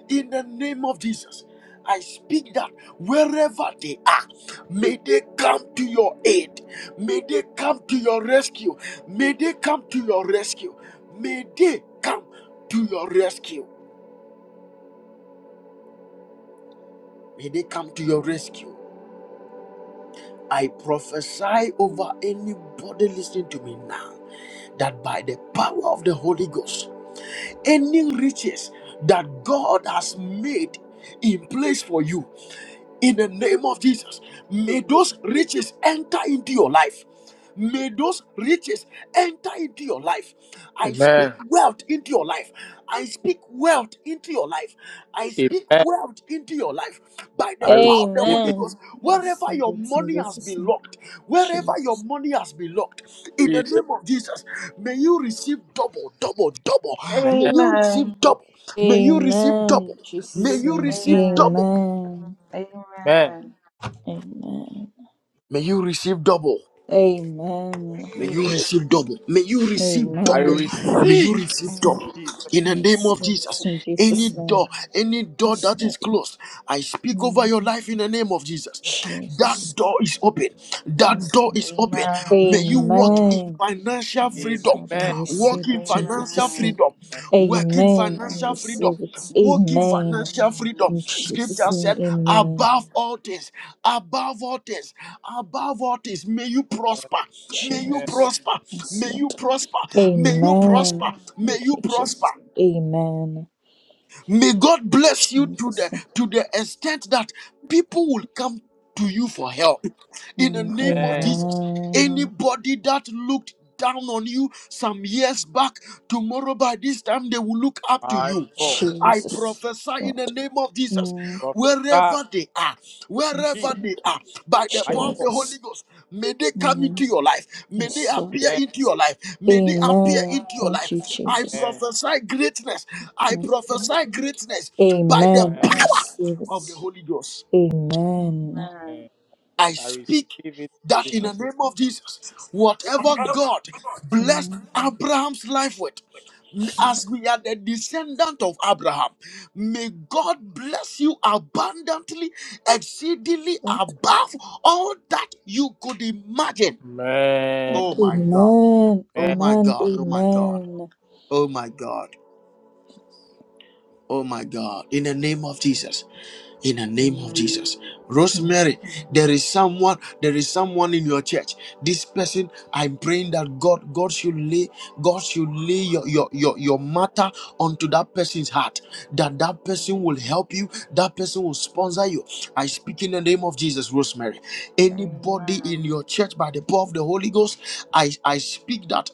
Speaker 1: In the name of Jesus, I speak that wherever they are, may they come to your aid. May they come to your rescue. May they come to your rescue. May they come to your rescue. May they come to your rescue. I prophesy over anybody listening to me now that by the power of the Holy Ghost, any riches that God has made in place for you, in the name of Jesus. May those riches enter into your life. May those riches enter into your life. I speak
Speaker 4: Amen.
Speaker 1: wealth into your life. I speak wealth into your life. I speak
Speaker 4: Amen.
Speaker 1: wealth into your life by the
Speaker 4: I receive
Speaker 1: power of the Holy
Speaker 4: it,
Speaker 1: Ghost.
Speaker 5: Amen.
Speaker 1: Wherever
Speaker 5: Receive
Speaker 1: your
Speaker 5: it in
Speaker 1: money has
Speaker 5: Jesus'
Speaker 1: been
Speaker 5: name.
Speaker 1: locked, wherever your
Speaker 5: Jesus.
Speaker 1: money has been locked, in the
Speaker 4: Jesus.
Speaker 1: name of Jesus, may you receive double, double, double.
Speaker 4: Amen.
Speaker 1: May you
Speaker 3: Amen.
Speaker 1: receive double. May you receive
Speaker 5: Amen.
Speaker 1: double.
Speaker 5: In
Speaker 1: May
Speaker 5: Jesus'
Speaker 1: you
Speaker 5: name.
Speaker 1: receive double.
Speaker 5: Amen.
Speaker 4: Amen.
Speaker 3: Amen.
Speaker 5: Amen.
Speaker 1: May you receive double.
Speaker 5: Amen.
Speaker 1: May
Speaker 3: Receive
Speaker 1: you
Speaker 3: it.
Speaker 1: receive double. May you receive
Speaker 4: I
Speaker 1: double.
Speaker 5: Amen.
Speaker 1: May you
Speaker 4: receive
Speaker 1: receive
Speaker 5: Jesus. name.
Speaker 3: Amen.
Speaker 1: double.
Speaker 4: Jesus.
Speaker 1: In the
Speaker 5: I
Speaker 1: name of
Speaker 5: Receive it
Speaker 1: Jesus,
Speaker 5: in
Speaker 1: any
Speaker 5: Jesus' name.
Speaker 1: door, any door
Speaker 5: Yes,
Speaker 1: that
Speaker 5: Lord.
Speaker 1: is closed, I speak over
Speaker 5: Mm.
Speaker 1: your life in the name of Jesus.
Speaker 5: Jesus.
Speaker 1: That door
Speaker 3: Jesus'
Speaker 1: is
Speaker 3: name.
Speaker 1: open. That
Speaker 5: Yes.
Speaker 1: door is open.
Speaker 3: Amen.
Speaker 1: May you walk
Speaker 3: Yes.
Speaker 1: in
Speaker 5: Amen.
Speaker 1: financial
Speaker 5: Yes,
Speaker 1: freedom.
Speaker 5: Lord. I
Speaker 4: Amen.
Speaker 5: receive
Speaker 1: Walk in
Speaker 5: it in
Speaker 1: financial
Speaker 5: Jesus' name.
Speaker 3: Amen.
Speaker 1: freedom.
Speaker 4: Amen.
Speaker 1: Walk in
Speaker 5: Amen. I
Speaker 1: financial
Speaker 3: Amen.
Speaker 1: freedom.
Speaker 5: receive it.
Speaker 1: Walk in
Speaker 5: Amen.
Speaker 1: financial freedom.
Speaker 3: Amen.
Speaker 5: In Jesus'
Speaker 1: Scripture
Speaker 5: name,
Speaker 1: said,
Speaker 5: amen.
Speaker 1: above all things, above all things, above all things, may you prosper. May you
Speaker 5: Jesus.
Speaker 1: prosper.
Speaker 5: Yes,
Speaker 1: May you
Speaker 5: Lord.
Speaker 1: prosper. May you prosper.
Speaker 5: Amen.
Speaker 1: May
Speaker 5: Thank
Speaker 1: you
Speaker 5: you,
Speaker 1: prosper.
Speaker 5: Jesus. Amen.
Speaker 1: May God bless you to the
Speaker 5: Jesus.
Speaker 1: to the extent that people will come to you for help. In the
Speaker 5: Mm,
Speaker 1: name of
Speaker 4: Amen.
Speaker 1: Jesus,
Speaker 5: Amen.
Speaker 1: anybody that looked down on you some years back, tomorrow by this time they will look up to
Speaker 4: My
Speaker 1: you.
Speaker 4: God.
Speaker 1: I
Speaker 5: Jesus.
Speaker 1: prophesy in the
Speaker 5: Lord.
Speaker 1: name of Jesus Jesus,
Speaker 5: Mm,
Speaker 4: Professor
Speaker 1: wherever they are,
Speaker 5: Yes,
Speaker 4: Jesus.
Speaker 1: wherever they
Speaker 5: Lord.
Speaker 1: are, by the
Speaker 4: My
Speaker 1: power of
Speaker 4: God.
Speaker 1: the
Speaker 5: Jesus.
Speaker 1: Holy Ghost, may they come into
Speaker 5: Mm,
Speaker 1: your life. May they
Speaker 5: Yes, Lord.
Speaker 1: appear
Speaker 4: Amen.
Speaker 1: into your life. May they appear
Speaker 5: Amen.
Speaker 1: into your
Speaker 5: Thank
Speaker 1: life.
Speaker 5: you,
Speaker 1: I
Speaker 5: Jesus.
Speaker 1: prophesy greatness. I
Speaker 5: Yes, Lord.
Speaker 1: prophesy greatness by the
Speaker 5: Amen. I
Speaker 4: Amen.
Speaker 1: power
Speaker 5: receive
Speaker 1: of the
Speaker 5: it.
Speaker 1: Holy Ghost.
Speaker 5: Amen.
Speaker 3: Amen.
Speaker 1: I
Speaker 4: I receive
Speaker 1: speak
Speaker 4: it,
Speaker 1: that in the
Speaker 4: Jesus.
Speaker 5: Jesus.
Speaker 1: name of Jesus, whatever God blessed
Speaker 5: Mm,
Speaker 1: Abraham's life with, m- as we are the descendant of Abraham, may God bless you abundantly, exceedingly
Speaker 5: Lord,
Speaker 1: above all that you could imagine.
Speaker 4: Amen.
Speaker 5: Lord.
Speaker 1: Oh my
Speaker 3: Amen.
Speaker 1: God.
Speaker 5: Amen.
Speaker 1: Oh
Speaker 4: Amen.
Speaker 1: my God. Oh my God.
Speaker 5: Amen.
Speaker 1: Oh my God. Oh my God. In the name of Jesus. in the
Speaker 3: Amen. Amen. Amen.
Speaker 1: name of Jesus.
Speaker 5: Amen.
Speaker 1: Rosemary, there is someone, there is someone in your church. This person, I'm praying that God, God should lay, God should lay your, your, your, your matter onto that person's heart. That that person will help you, that person will sponsor you. I speak in the name of Jesus, Rosemary.
Speaker 3: Amen.
Speaker 1: Anybody in your church by the power of the Holy Ghost, I, I speak that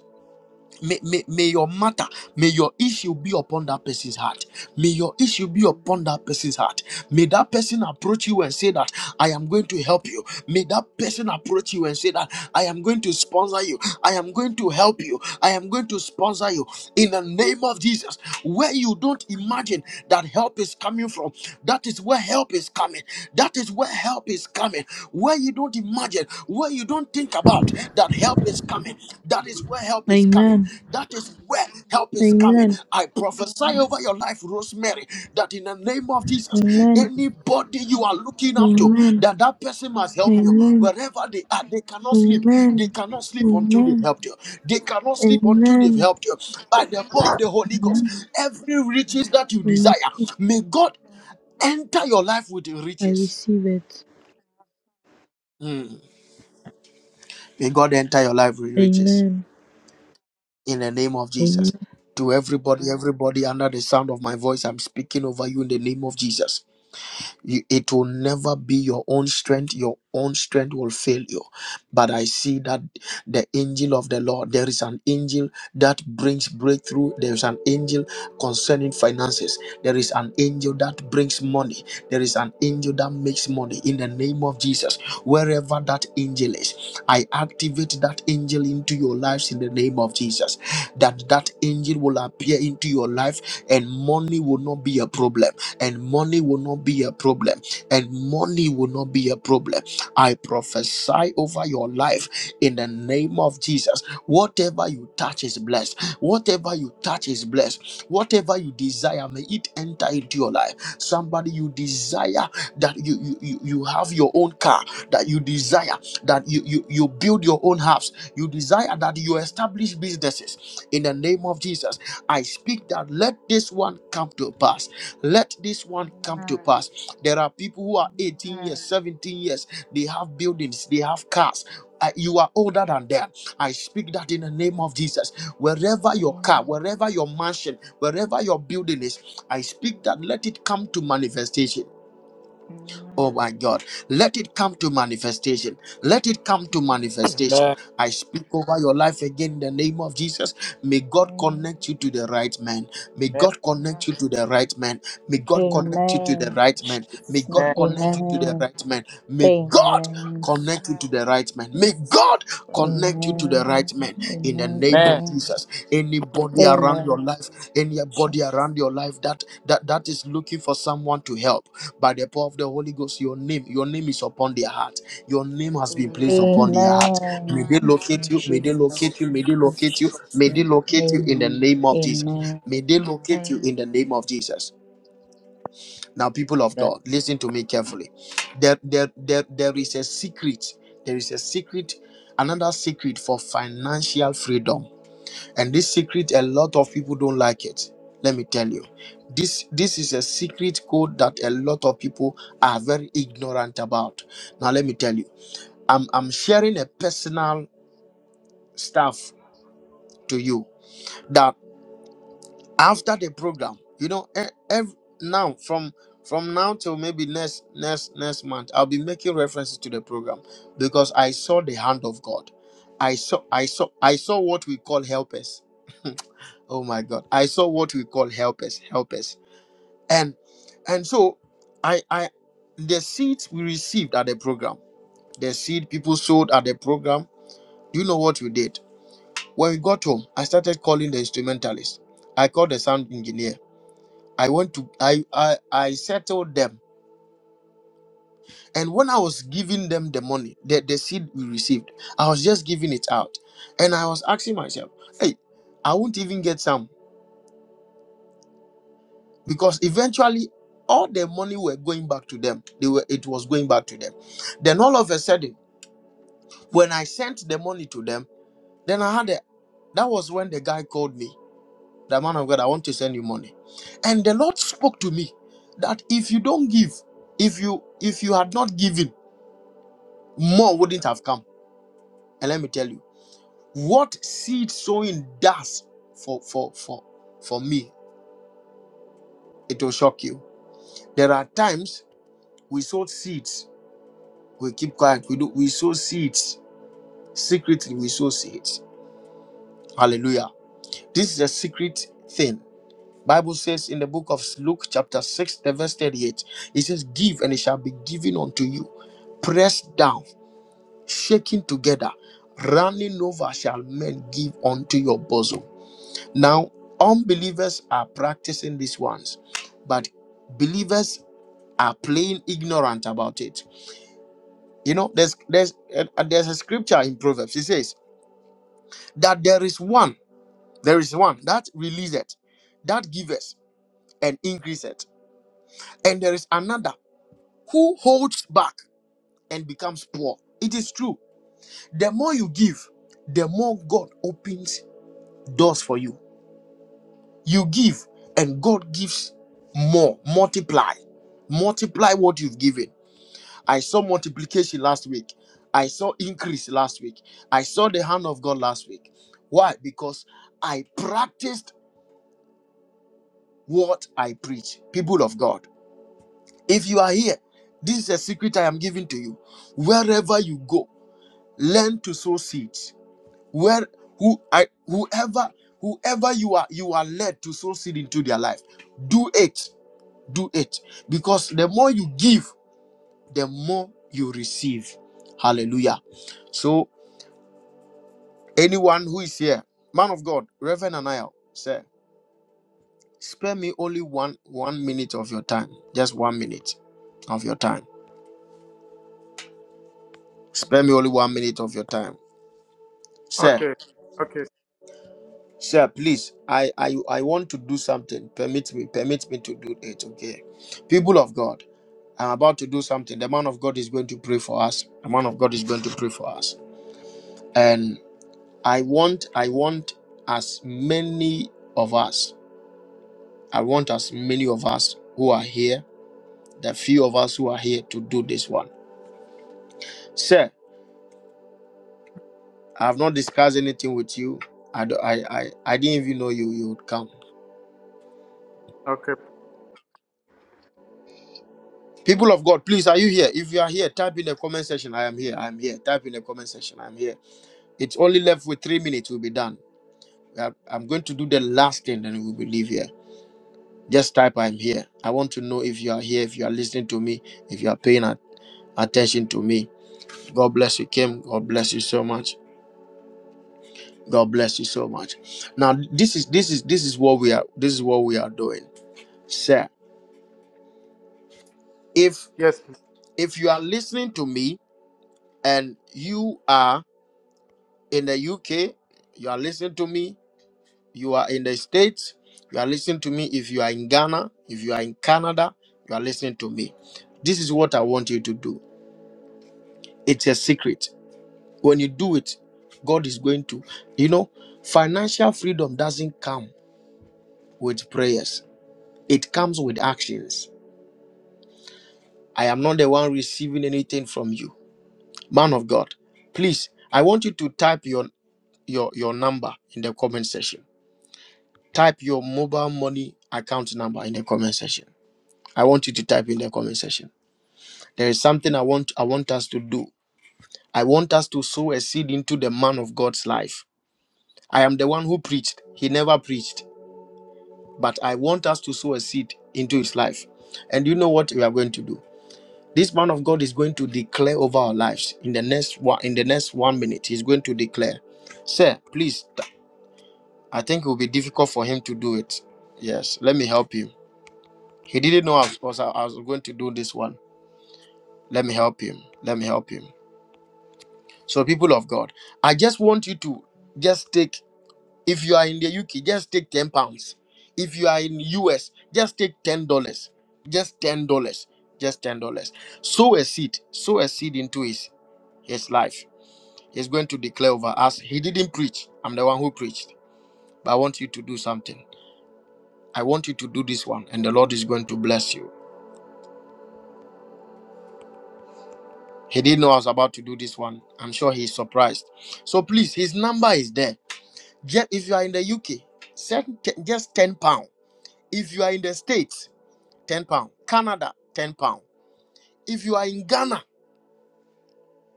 Speaker 1: may, may, may your matter, may your issue be upon that person's heart. May your issue be upon that person's heart. May that person approach you and say that I am going to help you. May that person approach you and say that I am going to sponsor you. I am going to help you. I am going to sponsor you in the name of Jesus. Where you don't imagine that help is coming from, that is where help is coming. That is where help is coming. Where you don't imagine, where you don't think about that help is coming. That is where help is coming.
Speaker 6: Amen.
Speaker 1: That is where help is coming.
Speaker 6: Amen.
Speaker 1: I prophesy over your life, Rosemary, that in the name of Jesus,
Speaker 6: Amen.
Speaker 1: anybody you are looking up to,
Speaker 6: Amen.
Speaker 1: that that person must help you.
Speaker 6: Amen.
Speaker 1: Wherever they are, they cannot sleep. They
Speaker 6: Amen.
Speaker 1: cannot sleep until they've
Speaker 6: Amen.
Speaker 1: helped you. They cannot sleep until they've
Speaker 6: Amen.
Speaker 1: helped you. By the power of the Holy Ghost, every riches that you desire,
Speaker 6: Amen.
Speaker 1: may God enter your life with
Speaker 6: I
Speaker 1: riches.
Speaker 6: receive it.
Speaker 1: May God enter your life with riches.
Speaker 6: Amen.
Speaker 1: in the name of
Speaker 6: Amen.
Speaker 1: Jesus. To everybody, everybody under the sound of my voice, I'm speaking over you in the name of Jesus you, it will never be your own strength your own strength will fail you but i see that the angel of the lord there is an angel that brings breakthrough there is an angel concerning finances there is an angel that brings money there is an angel that makes money in the name of jesus wherever that angel is i activate that angel into your lives in the name of jesus that that angel will appear into your life, and money will not be a problem. And money will not be a problem. And money will not be a problem. I prophesy over your life in the name of Jesus. Whatever you touch is blessed. Whatever you touch is blessed. Whatever you desire, may it enter into your life. Somebody you desire that you you, you you have your own car that you desire that you you you you build your own house, you desire that you establish businesses in the name of Jesus. I speak that let this one come to pass. Let this one
Speaker 3: Amen.
Speaker 1: come to
Speaker 3: Amen.
Speaker 1: pass. There are people who are 18
Speaker 3: Amen.
Speaker 1: years, 17 years, they have buildings, they have cars. Uh, you are older than them. I speak that in the name of Jesus. Wherever your
Speaker 3: Amen.
Speaker 1: car,
Speaker 3: Amen.
Speaker 1: wherever your mansion, wherever your building is, I speak that let it come to manifestation.
Speaker 3: Amen.
Speaker 1: Oh my God. Let it come to manifestation. Let it come to manifestation.
Speaker 4: Amen.
Speaker 1: I speak over your life again in the name of Jesus. May God
Speaker 3: Amen.
Speaker 1: connect you to the right man. May God
Speaker 3: Yes.
Speaker 1: connect you to the right man. May God connect you to the
Speaker 5: Amen.
Speaker 1: right man. May
Speaker 5: Jesus'
Speaker 1: God
Speaker 5: name.
Speaker 4: Amen.
Speaker 1: connect you to the
Speaker 5: Amen.
Speaker 3: Amen.
Speaker 1: right man. May God
Speaker 5: Amen.
Speaker 1: connect you to the right man. May
Speaker 5: Jesus.
Speaker 1: God connect you to the right man
Speaker 5: Amen.
Speaker 1: men in the
Speaker 5: Amen.
Speaker 1: name
Speaker 4: Amen.
Speaker 1: of
Speaker 5: Amen.
Speaker 1: Jesus. Anybody around your
Speaker 5: Amen.
Speaker 3: Amen.
Speaker 1: life, anybody
Speaker 5: Jesus.
Speaker 1: around your life that that that is looking for someone to help by the power of the Holy Ghost, your name, your name is upon their heart. Your name
Speaker 3: Amen.
Speaker 1: has been placed
Speaker 3: Amen.
Speaker 1: upon their heart. May
Speaker 5: Amen.
Speaker 1: they locate
Speaker 5: In
Speaker 1: you, may they
Speaker 5: Jesus.
Speaker 1: locate you, may they
Speaker 5: In
Speaker 1: locate you,
Speaker 5: Jesus'
Speaker 1: may they
Speaker 5: name.
Speaker 1: locate you in the
Speaker 5: Amen.
Speaker 1: name of Jesus.
Speaker 5: Amen.
Speaker 1: May they locate you
Speaker 3: Amen.
Speaker 1: in the
Speaker 3: Amen.
Speaker 1: name of Jesus. Now, people of
Speaker 4: Amen.
Speaker 1: God, listen to me carefully. There, there, there, there is a secret. There is a secret, another secret for financial freedom and this secret a lot of people don't like it let me tell you this this is a secret code that a lot of people are very ignorant about now let me tell you i'm i'm sharing a personal stuff to you that after the program you know every, now from from now till maybe next next next month i'll be making references to the program because i saw the hand of god i saw i saw i saw what we call helpers [laughs] Oh my God. I saw what we call helpers, helpers. And and so I I the seeds we received at the program, the seed people sold at the program. Do you know what we did? When we got home, I started calling the instrumentalist. I called the sound engineer. I went to I I, I settled them. And when I was giving them the money, the, the seed we received, I was just giving it out. And I was asking myself, hey, I won't even get some. because eventually all the money were going back to them they were it was going back to them then all of a sudden when i sent the money to them then i had a that was when the guy called me the man of god i want to send you money and the lord spoke to me that if you don't give if you if you had not given more wouldn't have come and let me tell you what seed sowing does for for for for me it will shock you there are times we sowed seeds We keep quiet. We do. We sow seeds secretly. We sow seeds. Hallelujah. This is a secret thing. Bible says in the book of Luke chapter six, the verse thirty-eight. It says, "Give and it shall be given unto you, pressed down, shaken together, running over, shall men give unto your bosom." Now, unbelievers are practicing these ones, but believers are plain ignorant about it. You know, there's there's uh, there's a scripture in Proverbs. It says. that there is one, there is one that releaseth, that giveth and increaseth, and there is another who holds back and becomes poor. It is true. The more you give, the more God opens doors for you. You give, and God gives more. Multiply, multiply what you've given. I saw multiplication last week. I saw increase last week. I saw the hand of God last week. Why? Because I practiced what I preach, people of God. If you are here, this is a secret I am giving to you. Wherever you go, learn to sow seeds. Where who I whoever whoever you are you are led to sow seed into their life. Do it. Do it. Because the more you give, the more you receive. Hallelujah. So anyone who is here, man of God, Reverend Anaya, sir, spare me only one one minute of your time. Just one minute of your time Spare me only one minute of your time. Sir,
Speaker 4: Okay. Okay.
Speaker 1: sir, please. I I I want to do something. Permit me, permit me to do it. Okay. People of God, I'm about to do something. The man of God is going to pray for us. The man of God is going to pray for us. And I want, I want as many of us, I want as many of us who are here, the few of us who are here to do this one. Sir, I have not discussed anything with you. I, do- I, I, I didn't even know you, you would come.
Speaker 4: Okay.
Speaker 1: People of God, please, are you here? If you are here, type in the comment section. I am here. I am here. Type in the comment section. I am here. It's only left with three minutes. We'll be done. I- I'm going to do the last thing, then we'll be leave here. Just type I am here. I want to know if you are here, if you are listening to me, if you are paying at- attention to me. God bless you, Kim. God bless you so much. God bless you so much. Now, this is this is this is what we are this is what we are doing. Sir, if
Speaker 4: Yes.
Speaker 1: if you are listening to me and you are in the UK, you are listening to me. You are in the States, you are listening to me. If you are in Ghana, if you are in Canada, you are listening to me. This is what I want you to do. It's a secret. When you do it, God is going to, you know, financial freedom doesn't come with prayers, it comes with actions. I am not the one receiving anything from you. Man of God, please, I want you to type your your your number in the comment section Type your mobile money account number in the comment section. I want you to type in the comment section. There is something I want I want us to do. I want us to sow a seed into the man of God's life. I am the one who preached. He never preached, but I want us to sow a seed into his life. And you know what we are going to do? This man of God is going to declare over our lives in the next one in the next one minute. He's going to declare. Sir, please, I think it will be difficult for him to do it. Yes, let me help you. He didn't know I was, I was going to do this one. Let me help him. Let me help him. So, people of God, I just want you to just take, if you are in the UK, just take 10 pounds. If you are in US, just take $10. Just $10. Just $10. Sow a seed. Sow a seed into his, his life. He's going to declare over us. He didn't preach. I'm the one who preached. But I want you to do something. I want you to do this one, and the Lord is going to bless you. He didn't know I was about to do this one. I'm sure he's surprised. So please, his number is there. Ju- If you are in the UK, send t- just 10 pounds. If you are in the States, 10 pounds. Canada, 10 pounds. If you are in Ghana,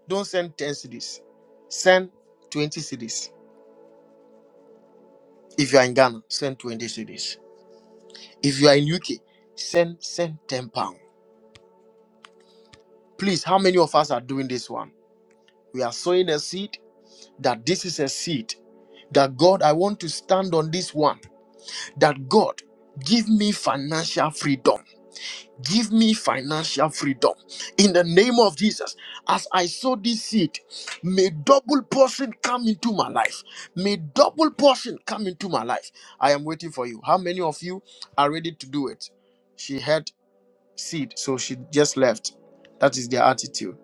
Speaker 1: don't send 10 cities. Send 20 cities. If you are in Ghana, send 20 cities. If you are in UK, send send 10 pounds. Please, how many of us are doing this one? We are sowing a seed that this is a seed that God, I want to stand on this one. that God, give me financial freedom. Give me financial freedom in the name of Jesus. As I sow this seed, may double portion come into my life. May double portion come into my life. I am waiting for you. How many of you are ready to do it? She had seed, so she just left. That is their attitude.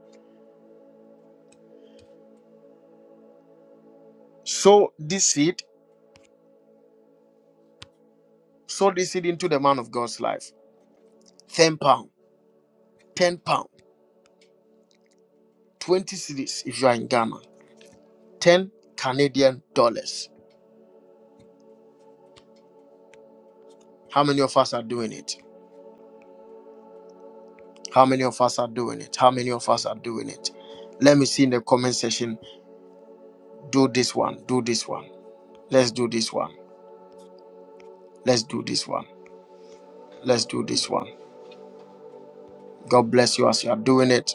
Speaker 1: Sow this seed, sow this seed into the man of God's life. 10 pound, 10 pound, 20 cities if you are in Ghana. 10 Canadian dollars. How many of us are doing it? How many of us are doing it? How many of us are doing it? Let me see in the comment section. Do this one. Do this one. Let's do this one. Let's do this one. Let's do this one. God bless you as you are doing it.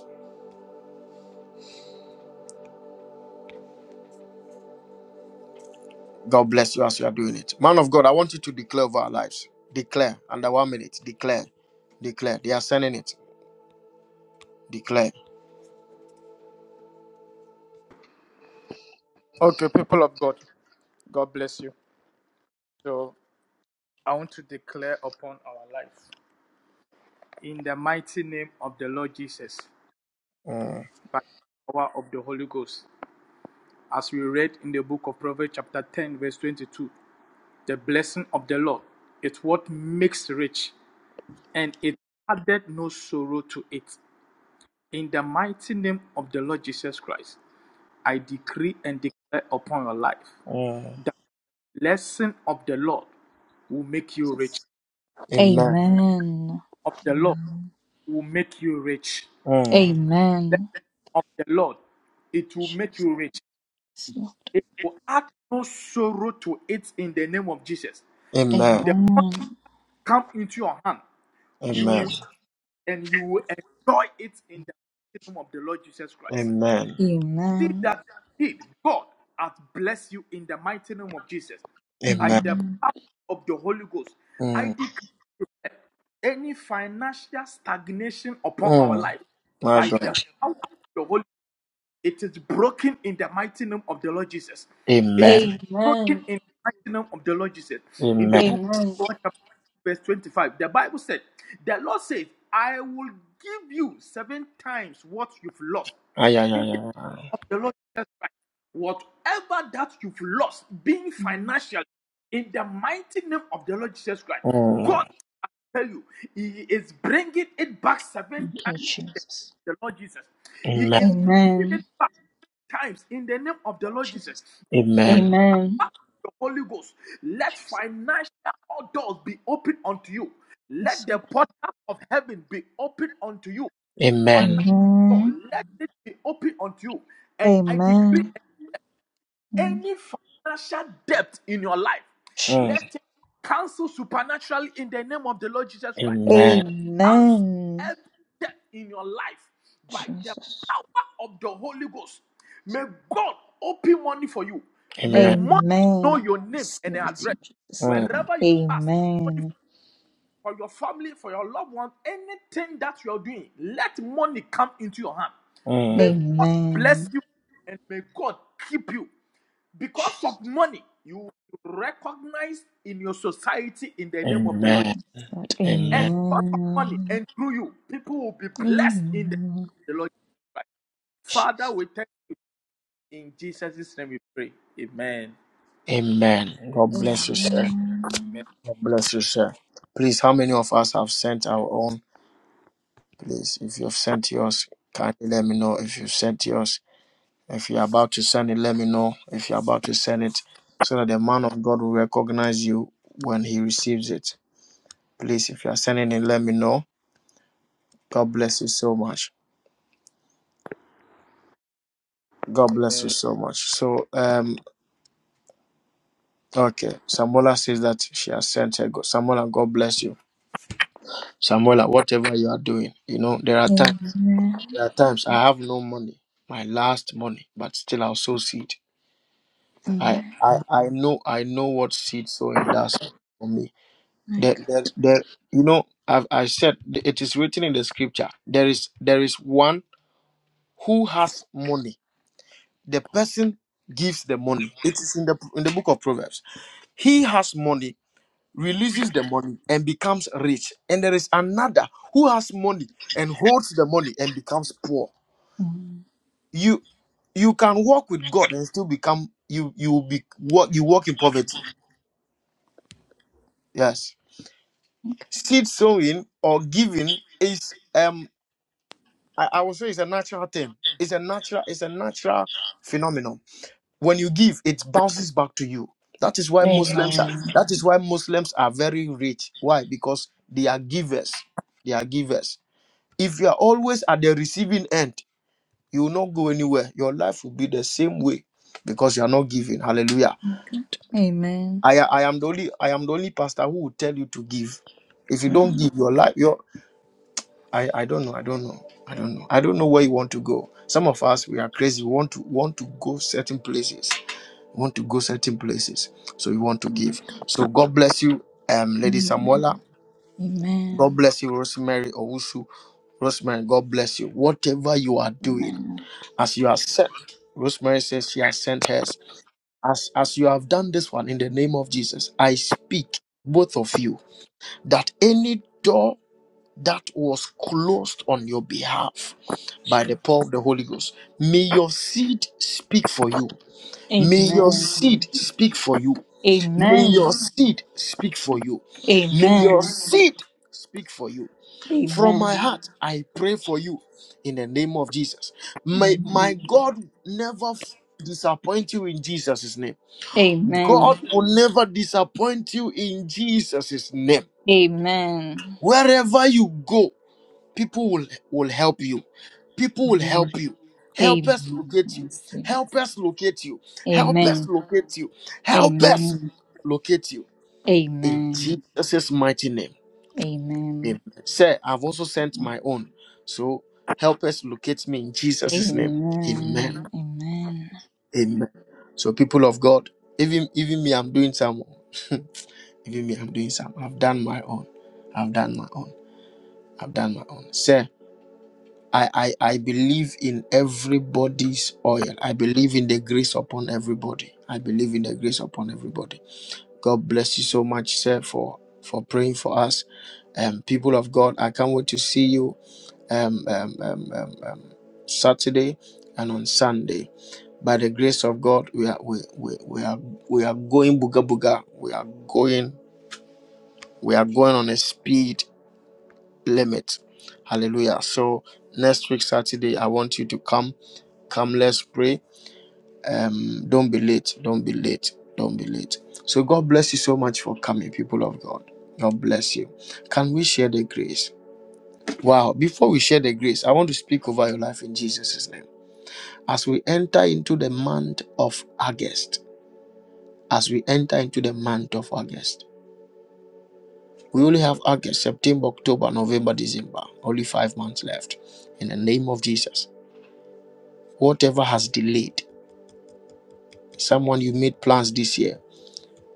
Speaker 1: God bless you as you are doing it. Man of God, I want you to declare over our lives. Declare under one minute. Declare. Declare. They are sending it. Declare.
Speaker 4: Okay, people of God. God bless you. So I want to declare upon our life. in the mighty name of the Lord Jesus,
Speaker 1: Mm,
Speaker 4: by the power of the Holy Ghost. As we read in the book of Proverbs, chapter 10, verse 22, the blessing of the Lord its what makes rich, and it added no sorrow to it. In the mighty name of the Lord Jesus Christ, I decree and declare upon your life
Speaker 1: mm,
Speaker 4: the blessing of the Lord will make you rich.
Speaker 5: Jesus.
Speaker 1: Amen.
Speaker 5: Amen.
Speaker 4: Of the Lord
Speaker 5: Amen.
Speaker 4: will make you rich.
Speaker 1: Mm,
Speaker 5: Amen.
Speaker 4: Of the Lord, it will make
Speaker 5: Jesus.
Speaker 4: you rich. It will add no sorrow to it in the name of Jesus. The
Speaker 1: Amen.
Speaker 4: one
Speaker 5: Amen.
Speaker 4: come into your hand,
Speaker 1: Amen.
Speaker 4: you
Speaker 5: Jesus.
Speaker 4: and you will enjoy it in the mighty name of the Lord Jesus Christ.
Speaker 1: Amen.
Speaker 4: See
Speaker 5: Amen.
Speaker 4: that indeed God hath blessed you in the mighty name of Jesus by
Speaker 1: Amen.
Speaker 4: the
Speaker 5: Amen.
Speaker 4: power of the Holy Ghost. I
Speaker 1: Mm,
Speaker 4: declare any financial stagnation upon our
Speaker 1: mm,
Speaker 4: life
Speaker 1: my
Speaker 4: by the
Speaker 1: God.
Speaker 4: power of the Holy It is broken in the mighty name of the Lord Jesus. It is
Speaker 1: Amen.
Speaker 5: Amen.
Speaker 4: broken in the mighty name of the Lord Jesus. In the
Speaker 1: Amen.
Speaker 4: book of
Speaker 5: Amen.
Speaker 4: John, chapter verse 25, the Bible said, The Lord says, I will give you seven times what you've lost.
Speaker 1: Ay, ay,
Speaker 4: In the
Speaker 1: ay, ay.
Speaker 4: name
Speaker 1: ay.
Speaker 4: of the Lord Jesus Christ, whatever that you've lost, being financially, in the mighty name of the Lord Jesus Christ,
Speaker 1: Mm,
Speaker 4: God tell you, He is bringing it back seven
Speaker 5: Thank you,
Speaker 4: times in the,
Speaker 5: Jesus.
Speaker 4: name of the Lord Jesus. He
Speaker 1: amen.
Speaker 4: is bringing
Speaker 5: Amen.
Speaker 4: it back times in the name of the Lord Jesus.
Speaker 5: Jesus.
Speaker 4: The
Speaker 1: Amen.
Speaker 4: power
Speaker 5: Amen.
Speaker 4: of the Holy Ghost. Let
Speaker 5: Jesus.
Speaker 4: financial doors be open unto you.
Speaker 5: Yes,
Speaker 4: Let the
Speaker 5: Lord.
Speaker 4: portal of heaven be open unto you.
Speaker 1: Amen.
Speaker 4: Financial door,
Speaker 5: Amen.
Speaker 4: let it be open unto you. And I decree
Speaker 5: Amen. Mm.
Speaker 4: any financial debt in your life,
Speaker 1: Mm,
Speaker 5: Jesus.
Speaker 4: let it cancel supernaturally in the name of the Lord Jesus Christ
Speaker 1: amen.
Speaker 4: cancel
Speaker 5: Amen.
Speaker 4: every death in your life by the
Speaker 5: Jesus.
Speaker 4: power of the Holy Ghost. May God open money for you. May
Speaker 1: Amen.
Speaker 4: money know
Speaker 5: Amen.
Speaker 4: your name and
Speaker 5: Receive it
Speaker 4: address.
Speaker 5: in Jesus' name.
Speaker 1: Mm,
Speaker 4: Wherever you pass, money
Speaker 5: Amen.
Speaker 4: for your family, for your loved ones, anything that you're doing, let money come into your hand. May
Speaker 1: mm,
Speaker 4: God bless
Speaker 5: Amen.
Speaker 4: you and may God keep you. Because
Speaker 5: Jesus.
Speaker 4: of money, you will be in your society in the name of the Lord
Speaker 1: amen.
Speaker 5: Lord.
Speaker 4: and
Speaker 1: Amen.
Speaker 4: because of money
Speaker 5: Amen.
Speaker 4: and through you, people will be blessed in the, name
Speaker 5: Amen.
Speaker 4: of the Lord Jesus Christ. Father,
Speaker 5: Jesus.
Speaker 4: we thank you in Jesus' name we pray. Amen.
Speaker 1: Amen. God bless you, sir.
Speaker 5: Amen.
Speaker 4: Amen.
Speaker 1: God bless you, sir. Please, how many of us have sent our own? Please, if you've sent yours, kindly let me know if you've sent yours. If you're about to send it, let me know. If you're about to send it, so that the man of God will recognize you when he receives it. Please, if you're sending it, let me know. God bless you so much. God bless you
Speaker 4: Amen.
Speaker 1: so much. So, um, okay. Samola says that she has sent her. God. Samola, God bless you. Samola, whatever you are doing, you know, there are times.
Speaker 5: Amen.
Speaker 1: There are times I have no money, my last money, but still I'll sow seed. I,
Speaker 5: Amen.
Speaker 1: I, I know, I know what seed sowing does for me.
Speaker 5: My
Speaker 1: There,
Speaker 5: God.
Speaker 1: there, there, you know, I've, I said th- it is written in the scripture. There is there is one who has money. The person gives the money. It is in the in the book of Proverbs. He has money, releases the money, and becomes rich. And there is another who has money and holds the money and becomes poor.
Speaker 5: Mm.
Speaker 1: You you can walk with God and still become you you will be what you walk in poverty. Yes. Seed sowing or giving is um I, I will say it's a natural thing. It's a natural, it's a natural phenomenon. When you give, it bounces back to you. That is why Muslims are
Speaker 5: Amen.
Speaker 1: that is why Muslims are very rich. Why? Because they are givers. They are givers. If you are always at the receiving end, you will not go anywhere. Your life will be the same way because you are not giving. Hallelujah.
Speaker 5: Good. Amen.
Speaker 1: I I am the only I am the only pastor who will tell you to give. If you don't
Speaker 5: Mm.
Speaker 1: give your life, your I, I don't know. I don't know. I don't know. I don't know where you want to go. Some of us we are crazy. We want to want to go certain places. We want to go certain places. So we want to give. So God bless you, um, Lady Samuela.
Speaker 5: Amen.
Speaker 1: God
Speaker 5: Amen.
Speaker 1: bless you, Rosemary Owusu. Rosemary, God bless you. Whatever you are doing,
Speaker 5: Amen.
Speaker 1: as you are sent, Rosemary says she has sent hers. As as you have done this one in the name of Jesus, I speak both of you that any door that was closed on your behalf by
Speaker 5: Jesus.
Speaker 1: the power of the Holy Ghost. May your seed speak for you. May your
Speaker 5: Amen.
Speaker 1: seed speak for you. May your
Speaker 5: Amen.
Speaker 1: seed speak for you. May your
Speaker 5: Amen.
Speaker 1: seed speak for you. From
Speaker 5: Amen.
Speaker 1: my heart, I pray for you in the name of Jesus. May
Speaker 5: Amen.
Speaker 1: my God never f- disappoint you in Jesus' name.
Speaker 5: Amen.
Speaker 1: God will never disappoint you in Jesus' name.
Speaker 5: Amen. Amen.
Speaker 1: Wherever you go, people will, will help you people will help you help us
Speaker 5: Amen.
Speaker 1: locate
Speaker 5: I
Speaker 1: you
Speaker 5: receive
Speaker 1: help
Speaker 5: it.
Speaker 1: us locate you help us
Speaker 5: Amen.
Speaker 1: locate you help us
Speaker 5: Amen.
Speaker 1: locate you in
Speaker 5: Amen.
Speaker 1: jesus' mighty name
Speaker 5: Amen.
Speaker 1: amen sir i've also sent my own so help us locate me in jesus' name amen
Speaker 5: Amen. Amen.
Speaker 1: amen so people of god even even me i'm doing some [laughs] even me i'm doing some i've done my own i've done my own i've done my own sir I, I, I believe in everybody's oil. I believe in the grace upon everybody. I believe in the grace upon everybody. God bless you so much, sir, for, for praying for us. Um, people of God, I can't wait to see you um, um, um, um, um, Saturday and on Sunday. By the grace of God, we are we, we, we are we are going booga booga. We are going we are going on a speed limit. Hallelujah. So next week Saturday, I want you to come. Come, let's pray. Um, don't be late. Don't be late. Don't be late. So God bless you so much for coming, people of God. God bless you. Can we share the grace? Wow. Before we share the grace, I want to speak over your life in Jesus' name. As we enter into the month of August, as we enter into the month of August, we only have August, September, October, November, December, only five months left. In the name of Jesus. Whatever has delayed, someone you made plans this year,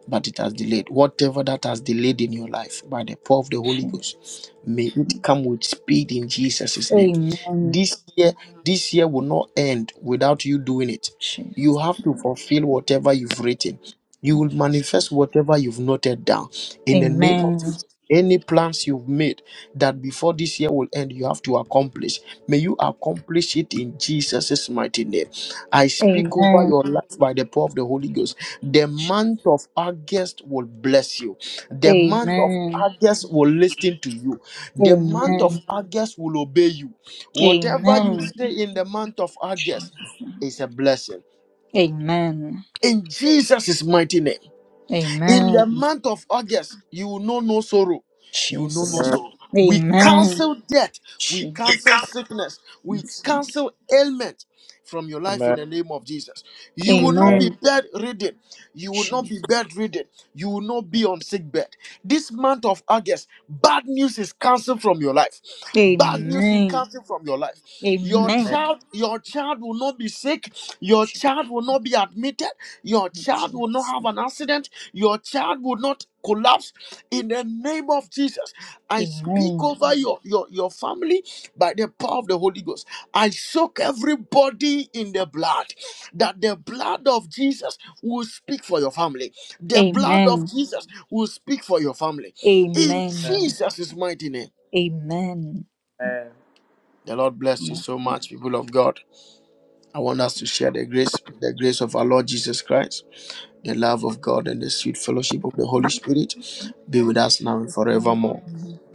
Speaker 1: but it has delayed. Whatever that has delayed in your life by the power of the Holy
Speaker 5: Jesus.
Speaker 1: Ghost, may it come with speed in Jesus' name.
Speaker 5: Amen.
Speaker 1: This year, this year will not end without you doing it.
Speaker 5: Jesus.
Speaker 1: You have to fulfill whatever you've written. You will manifest whatever you've noted down. In the name of
Speaker 5: Amen.
Speaker 1: Jesus, any plans you've made that before this year will end, you have to accomplish. May you accomplish it in Jesus' mighty name. I speak over
Speaker 5: Amen.
Speaker 1: your life by the power of the Holy Ghost. The month of August will bless you. The month of
Speaker 5: Amen.
Speaker 1: August will listen to you.
Speaker 5: Amen.
Speaker 1: The month of
Speaker 5: Amen.
Speaker 1: August will obey you. Whatever you say in the month of August is a blessing
Speaker 5: Amen.
Speaker 1: in Jesus' mighty name. In the
Speaker 5: Amen.
Speaker 1: month of August, you will know no sorrow. You will know no
Speaker 5: Jesus.
Speaker 4: Amen.
Speaker 1: sorrow. We
Speaker 5: Amen.
Speaker 1: cancel death. We
Speaker 5: Jesus.
Speaker 1: cancel sickness. We cancel ailment from your life in
Speaker 4: Amen.
Speaker 1: the name of Jesus. You will not
Speaker 4: Amen.
Speaker 1: be
Speaker 5: Amen.
Speaker 1: bedridden. You will not be
Speaker 5: Jesus.
Speaker 1: bedridden. You will not be on sick bed. This month of August, bad news is cancelled from your life. Bad news is
Speaker 5: Amen.
Speaker 1: cancelled from your life. Your
Speaker 5: Amen.
Speaker 1: child, your child will not be sick. Your child will not be admitted. Your child will not
Speaker 5: Jesus.
Speaker 1: have an accident. Your child will not collapse in the name of Jesus, I speak
Speaker 5: Amen.
Speaker 1: over your, your, your family by the power of the Holy Ghost. I soak everybody in the blood, that the blood of Jesus will speak for your family. The blood of
Speaker 5: Amen.
Speaker 1: Jesus will speak for your family. In
Speaker 5: Amen.
Speaker 1: Jesus' mighty name.
Speaker 5: Amen.
Speaker 4: Amen.
Speaker 1: The Lord bless you
Speaker 5: Amen.
Speaker 1: so much, people of God. I want us to share the grace, the grace of our Lord Jesus Christ, the love of God, and the sweet fellowship of the Holy Spirit be with us now and forevermore.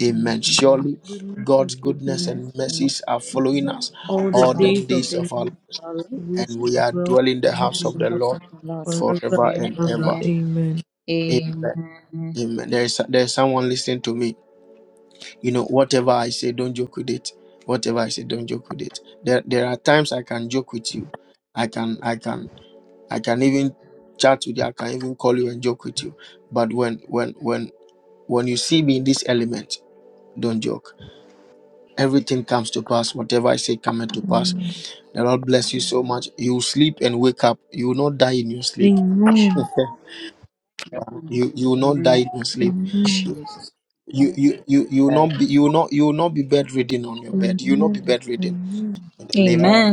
Speaker 1: Amen.
Speaker 5: Amen.
Speaker 1: Surely
Speaker 6: Goodness of
Speaker 1: God's goodness and mercies are
Speaker 5: Goodness.
Speaker 1: following us
Speaker 6: all the
Speaker 1: all the
Speaker 5: of
Speaker 6: days of
Speaker 1: days
Speaker 5: this
Speaker 1: of
Speaker 6: my
Speaker 1: our
Speaker 6: life,
Speaker 1: life,
Speaker 5: world
Speaker 6: I wish
Speaker 1: and
Speaker 6: I
Speaker 1: we are
Speaker 6: well
Speaker 1: dwelling in the
Speaker 6: and
Speaker 5: and
Speaker 6: hope
Speaker 1: house
Speaker 6: of
Speaker 1: of
Speaker 5: the
Speaker 6: the
Speaker 1: the
Speaker 5: house of
Speaker 1: Lord
Speaker 5: the Lord.
Speaker 6: forever
Speaker 1: forever
Speaker 5: Amen.
Speaker 1: and
Speaker 6: and ever.
Speaker 1: ever.
Speaker 5: Amen.
Speaker 6: Amen.
Speaker 1: Amen.
Speaker 5: Amen.
Speaker 1: Amen. There is there is someone listening to me. You know, whatever I say, don't joke with it. Whatever I say, don't joke with it. There there are times I can joke with you. I can I can I can even chat with you. I can even call you and joke with you. But when when when when you see me in this element, don't joke. Everything comes to pass. Whatever I say coming to pass.
Speaker 6: Amen.
Speaker 1: The Lord bless you so much. You sleep and wake up. You will not die in your sleep.
Speaker 6: Amen.
Speaker 5: Jesus.
Speaker 1: [laughs] You you will not die
Speaker 5: Amen.
Speaker 1: in your sleep.
Speaker 6: Amen.
Speaker 5: Jesus.
Speaker 1: You you you you will not be you will not you will not be bedridden on your bed. You will not be
Speaker 6: Amen.
Speaker 1: bedridden
Speaker 6: Amen.
Speaker 1: in the name of
Speaker 4: Amen.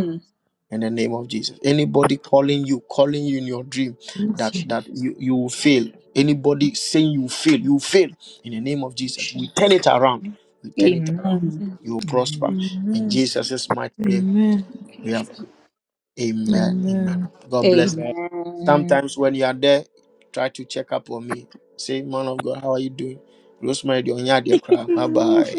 Speaker 1: in the name of Jesus. Anybody calling you, calling you in your dream that
Speaker 6: Jesus.
Speaker 1: that you you will fail. Anybody saying you fail, you fail in the name of Jesus. We turn
Speaker 5: Jesus.
Speaker 1: it around. We turn it around.
Speaker 5: Amen.
Speaker 6: Amen.
Speaker 1: You will
Speaker 5: Amen.
Speaker 1: prosper in
Speaker 6: Amen.
Speaker 5: Jesus.
Speaker 1: Jesus' mighty name.
Speaker 6: Amen.
Speaker 5: Thank you,
Speaker 1: We have
Speaker 5: Jesus.
Speaker 1: Amen. Amen.
Speaker 6: Amen.
Speaker 1: God bless.
Speaker 4: Amen.
Speaker 5: Amen.
Speaker 1: Sometimes when you are there, try to check up on me. Say, man of God, how are you doing? Rosemary, bye
Speaker 6: [laughs]
Speaker 1: bye.